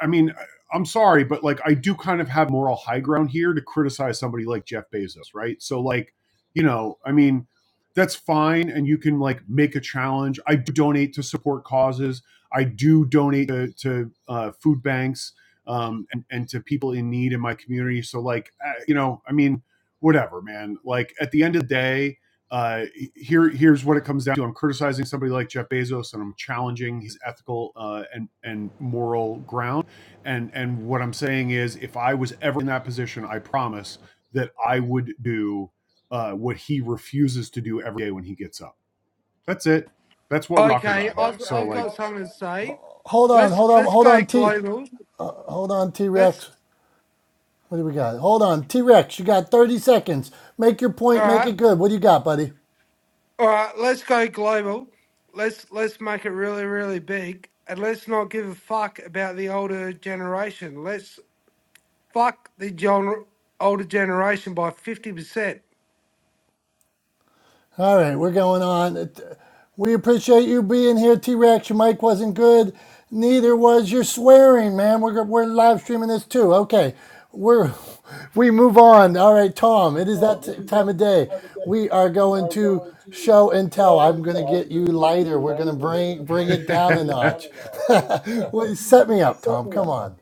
S2: I mean, I'm sorry, but like, I do kind of have moral high ground here to criticize somebody like Jeff Bezos, right? So, like, you know, I mean, that's fine, and you can like make a challenge. I donate to support causes I do donate to, to uh, food banks um, and, and to people in need in my community. So, like, uh, you know, I mean, whatever, man. Like, at the end of the day, uh, here here's what it comes down to. I'm criticizing somebody like Jeff Bezos, and I'm challenging his ethical uh, and and moral ground. And and what I'm saying is, if I was ever in that position, I promise that I would do uh, what he refuses to do every day when he gets up. That's it. That's what we're talking
S6: Okay,
S2: about here.
S6: I've
S2: So
S6: I've
S2: like.
S6: got something to say.
S1: Hold on,
S6: Let's
S1: hold on,
S6: let's
S1: hold
S6: go
S1: on, T.
S6: global.
S1: Hold on, T
S6: Let's
S1: Rex. What do we got? Hold on, T Rex. You got 30 seconds. Make your
S6: all
S1: point, make
S6: right,
S1: it good. What do you got, buddy?
S6: all right. Let's go global. Let's let's make it really really big, and let's not give a fuck about the older generation. Let's fuck the gen- older generation by fifty percent.
S1: All right, we're going on. We appreciate you being here, T Rex. Your mic wasn't good. Neither was your swearing, man. We're, we're live streaming this too. Okay, we're we move on. All right, Tom. It is that t- time of day. We are going to show and tell. I'm going to get you lighter. We're going to bring bring it down a notch. Well, Set me up, Tom. Come on.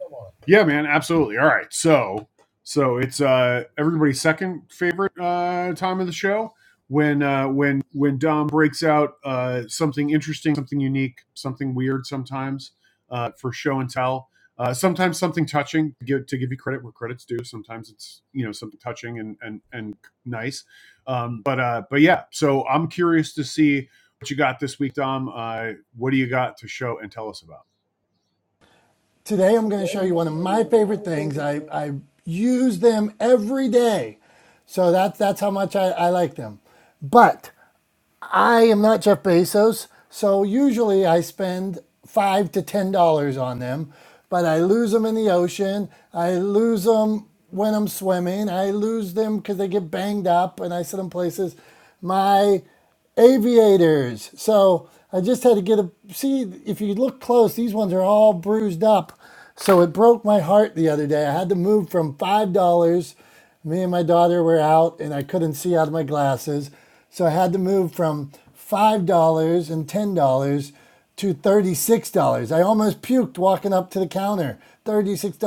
S2: Yeah, man, absolutely. All right, so so it's uh everybody's second favorite uh time of the show when uh when when Dom breaks out uh something interesting, something unique, something weird sometimes uh for show and tell. Uh, sometimes something touching to give, to give you credit where credit's due. Sometimes it's you know something touching and and and nice, um, but uh, but yeah. So I'm curious to see what you got this week, Dom. Uh, what do you got to show and tell us about?
S1: Today I'm going to show you one of my favorite things. I, I use them every day. So that, that's how much I, I like them. But I am not Jeff Bezos, so usually I spend five to ten dollars on them, but I lose them in the ocean. I lose them when I'm swimming. I lose them because they get banged up, and I sit in places. My aviators. So I just had to get a see. If you look close, these ones are all bruised up. So it broke my heart the other day. I had to move from five dollars me and my daughter were out and I couldn't see out of my glasses. So I had to move from $5 and $10 to $36. I almost puked walking up to the counter. $36,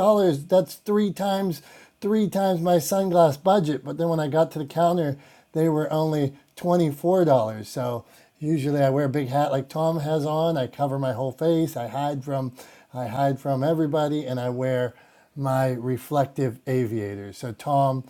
S1: that's three times three times my sunglass budget. But then when I got to the counter, they were only $24. So usually I wear a big hat like Tom has on. I cover my whole face. I hide from I hide from everybody and I wear my reflective aviators. So Tom,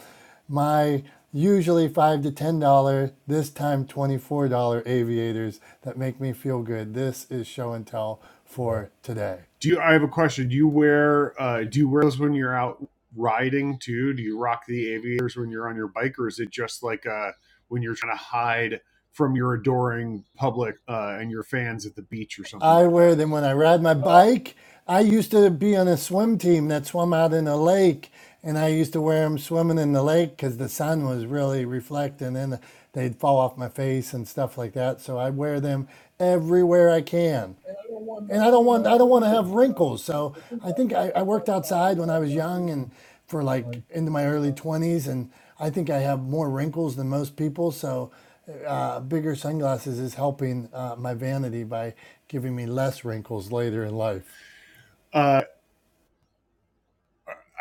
S1: my usually five to ten dollar, this time twenty-four dollar aviators that make me feel good. This is show and tell for today.
S2: Do you? I have a question. Do you wear uh, do you wear those when you're out riding too? Do you rock the aviators when you're on your bike, or is it just like uh, when you're trying to hide from your adoring public uh, and your fans at the beach or something
S1: I
S2: like that?
S1: wear them when I ride my bike. I used to be on a swim team that swam out in a lake, and I used to wear them swimming in the lake because the sun was really reflecting and they'd fall off my face and stuff like that. So I wear them everywhere I can. and I don't want I don't want to have wrinkles. So I think I, I worked outside when I was young and for like into my early twenties, and I think I have more wrinkles than most people. So uh, bigger sunglasses is helping uh, my vanity by giving me less wrinkles later in life.
S2: Uh,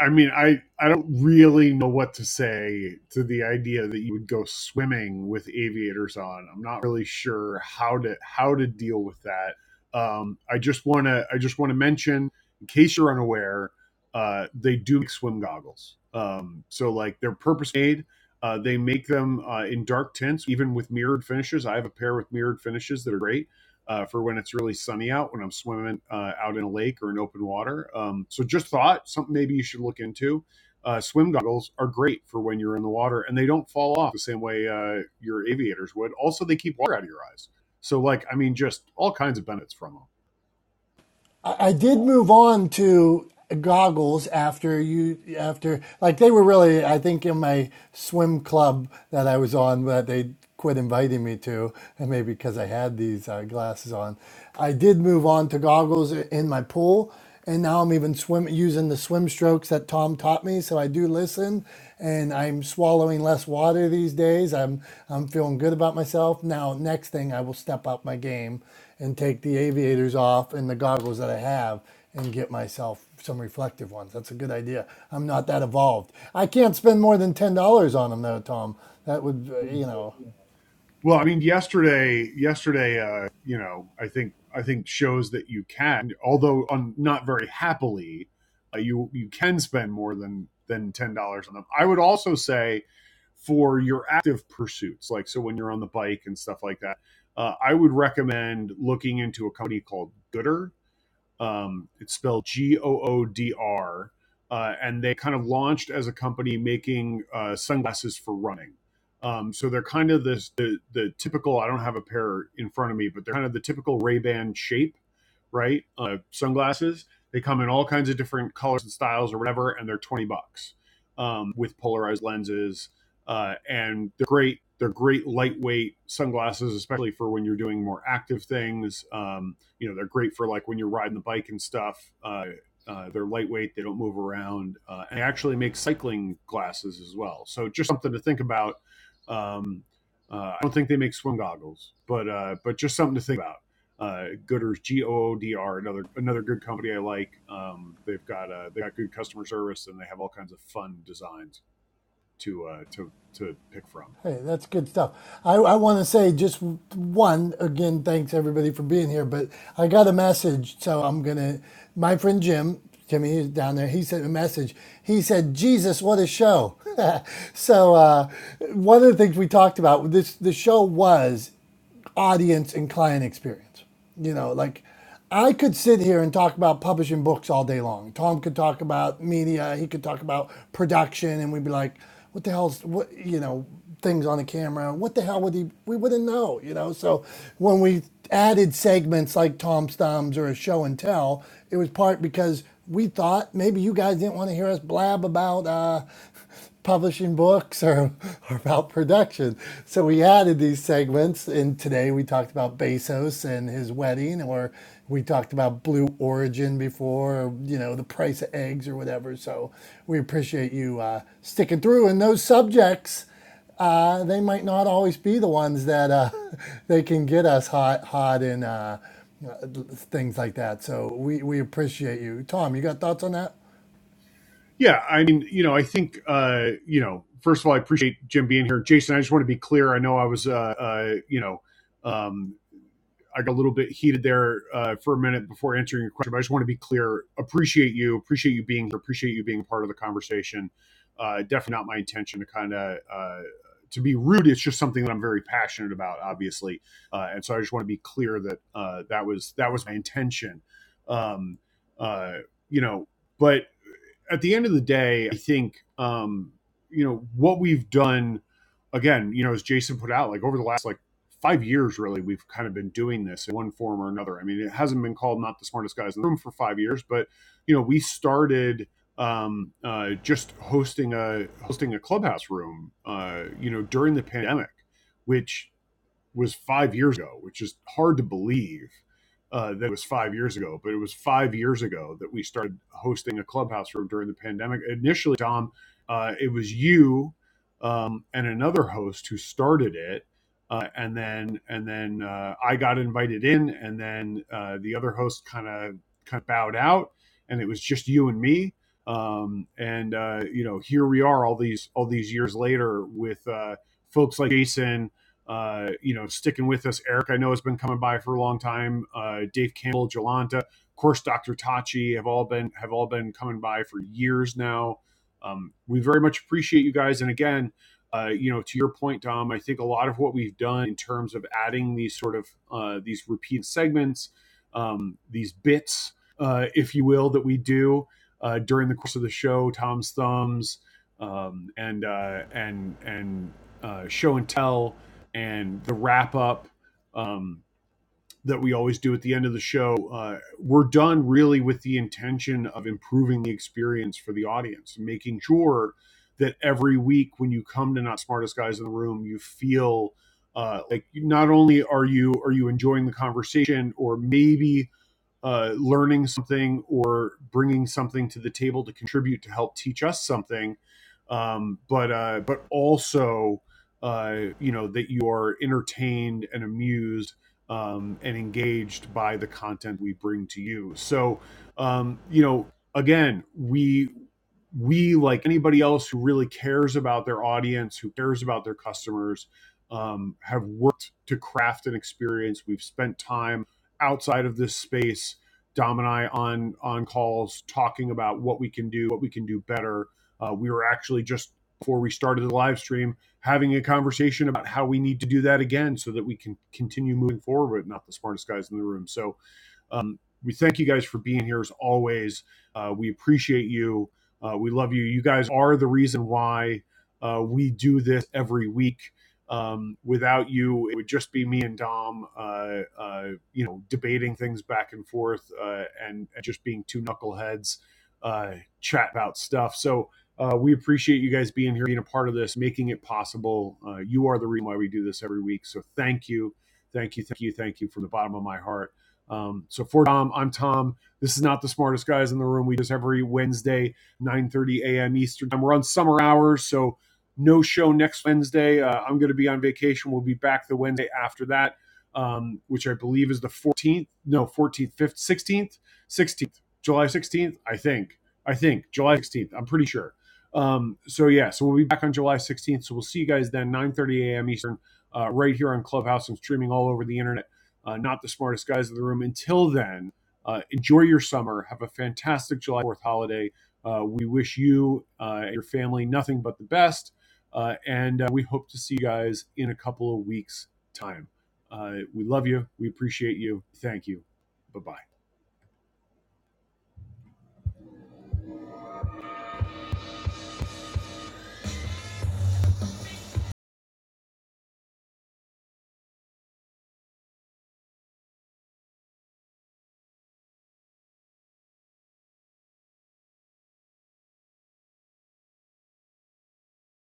S2: I mean, I I don't really know what to say to the idea that you would go swimming with aviators on. I'm not really sure how to how to deal with that. Um, I just want to I just want to mention, in case you're unaware, uh, they do make swim goggles. Um, so like they're purpose made. Uh, they make them uh, in dark tints, even with mirrored finishes. I have a pair with mirrored finishes that are great uh, for when it's really sunny out, when I'm swimming uh, out in a lake or in open water. Um, so just thought something maybe you should look into. Uh, swim goggles are great for when you're in the water, and they don't fall off the same way uh, your aviators would. Also, they keep water out of your eyes. So, like, I mean, just all kinds of benefits from them.
S1: I, I did move on to goggles after you after like they were really I think in my swim club that I was on that they quit inviting me to and maybe because I had these uh, glasses on I did move on to goggles in my pool and now I'm even swim using the swim strokes that Tom taught me. So I do listen, and I'm swallowing less water these days. I'm I'm feeling good about myself. Now, next thing I will step up my game and take the aviators off and the goggles that I have and get myself some reflective ones. That's a good idea. I'm not that evolved. I can't spend more than ten dollars on them though, Tom. That would uh, you know.
S2: Well, I mean, yesterday, yesterday, uh, you know, I think I think shows that you can, although on not very happily, uh, you you can spend more than than ten dollars on them. I would also say for your active pursuits, like so when you're on the bike and stuff like that, uh, I would recommend looking into a company called Gooder, um, it's spelled G O O D R. Uh, and they kind of launched as a company making uh, sunglasses for running. Um, so they're kind of this the, the typical. I don't have a pair in front of me, but they're kind of the typical Ray Ban shape, right? Uh, sunglasses. They come in all kinds of different colors and styles or whatever, and they're twenty bucks um, with polarized lenses, uh, and they're great. They're great lightweight sunglasses, especially for when you're doing more active things. Um, you know they're great for like when you're riding the bike and stuff. Uh, uh, they're lightweight, they don't move around, uh, and I actually make cycling glasses as well. So just something to think about. Um, uh, I don't think they make swim goggles, but uh, but just something to think about. Uh, Gooders, G O O D R, another another good company I like. Um, they've got uh, they got good customer service and they have all kinds of fun designs to uh, to to pick from.
S1: Hey, that's good stuff. I, I want to say just one again. Thanks everybody for being here. But I got a message, so I'm gonna. My friend Jim, Jimmy, he's down there. He sent a message. He said, "Jesus, what a show!" so uh, one of the things we talked about this the show was audience and client experience. You know, like I could sit here and talk about publishing books all day long. Tom could talk about media, he could talk about production, and we'd be like, what the hell's what you know, things on the camera, what the hell would he we wouldn't know, you know. So when we added segments like Tom's Thumbs or a show and tell, it was part because we thought maybe you guys didn't want to hear us blab about uh publishing books or, or about production. So we added these segments, and today we talked about Bezos and his wedding, or we talked about Blue Origin before, or, you know, the price of eggs or whatever. So we appreciate you uh, sticking through. And those subjects, uh, they might not always be the ones that uh, they can get us hot, hot in uh, things like that. So we, we appreciate you. Tom, you got thoughts on that?
S2: Yeah, I mean, you know, I think, uh, you know, first of all, I appreciate Jim being here. Jason, I just want to be clear. I know I was, uh, uh, you know, um, I got a little bit heated there uh, for a minute before answering your question, but I just want to be clear. Appreciate you. Appreciate you being here. Appreciate you being part of the conversation. Uh, definitely not my intention to kind of uh, to be rude. It's just something that I'm very passionate about, obviously, uh, and so I just want to be clear that uh, that was that was my intention. Um, uh, you know, but at the end of the day, I think um, you know what we've done. Again, you know, as Jason put out, like over the last like five years, really, we've kind of been doing this in one form or another. I mean, it hasn't been called not the smartest guys in the room for five years, but you know, we started um, uh, just hosting a hosting a clubhouse room, uh, you know, during the pandemic, which was five years ago, which is hard to believe uh, that it was five years ago, but it was five years ago that we started hosting a clubhouse room during the pandemic. Initially, Dom, uh, it was you um, and another host who started it. Uh, and then, and then uh, I got invited in, and then uh, the other host kind of kind of bowed out, and it was just you and me. Um, and uh, you know, here we are, all these all these years later, with uh, folks like Jason uh, you know, sticking with us. Eric, I know, has been coming by for a long time. Uh, Dave Campbell, Jolanta, of course, Dr. Tachi have all been have all been coming by for years now. Um, we very much appreciate you guys. And again, uh, you know, to your point, Dom, I think a lot of what we've done in terms of adding these sort of uh, these repeat segments, um, these bits, uh, if you will, that we do uh, during the course of the show, Tom's thumbs, um, and uh, and and uh, show and tell and the wrap up um, that we always do at the end of the show, uh, we're done really with the intention of improving the experience for the audience, making sure that every week when you come to Not Smartest Guys in the Room, you feel uh, like not only are you are you enjoying the conversation, or maybe uh, learning something or bringing something to the table to contribute to help teach us something, um, but uh, but also uh, you know that you are entertained and amused um, and engaged by the content we bring to you. So um, you know again we we like anybody else who really cares about their audience who cares about their customers um, have worked to craft an experience we've spent time outside of this space, Dom and I on on calls talking about what we can do, what we can do better. Uh, we were actually just before we started the live stream having a conversation about how we need to do that again so that we can continue moving forward. Not the smartest guys in the room, so um, we thank you guys for being here as always. Uh, we appreciate you. Uh, we love you. You guys are the reason why uh, we do this every week. Um, without you, it would just be me and Dom, uh, uh, you know, debating things back and forth uh, and, and just being two knuckleheads uh, chat about stuff. So uh, we appreciate you guys being here, being a part of this, making it possible. Uh, you are the reason why we do this every week. So thank you. Thank you. Thank you. Thank you from the bottom of my heart. Um, so for Tom, I'm Tom. This is not the smartest guys in the room. We just every Wednesday, 9:30 a.m. Eastern time. We're on summer hours, so no show next Wednesday. Uh, I'm going to be on vacation. We'll be back the Wednesday after that, um, which I believe is the 14th. No, 14th, 15th, 16th, 16th, July 16th. I think. I think July 16th. I'm pretty sure. Um, so yeah, so we'll be back on July 16th. So we'll see you guys then, 9:30 a.m. Eastern, uh, right here on Clubhouse and streaming all over the internet uh, not the smartest guys in the room. Until then, uh, enjoy your summer. Have a fantastic July 4th holiday. Uh, we wish you uh, and your family nothing but the best. Uh, and uh, we hope to see you guys in a couple of weeks' time. Uh, we love you. We appreciate you. Thank you. Bye bye.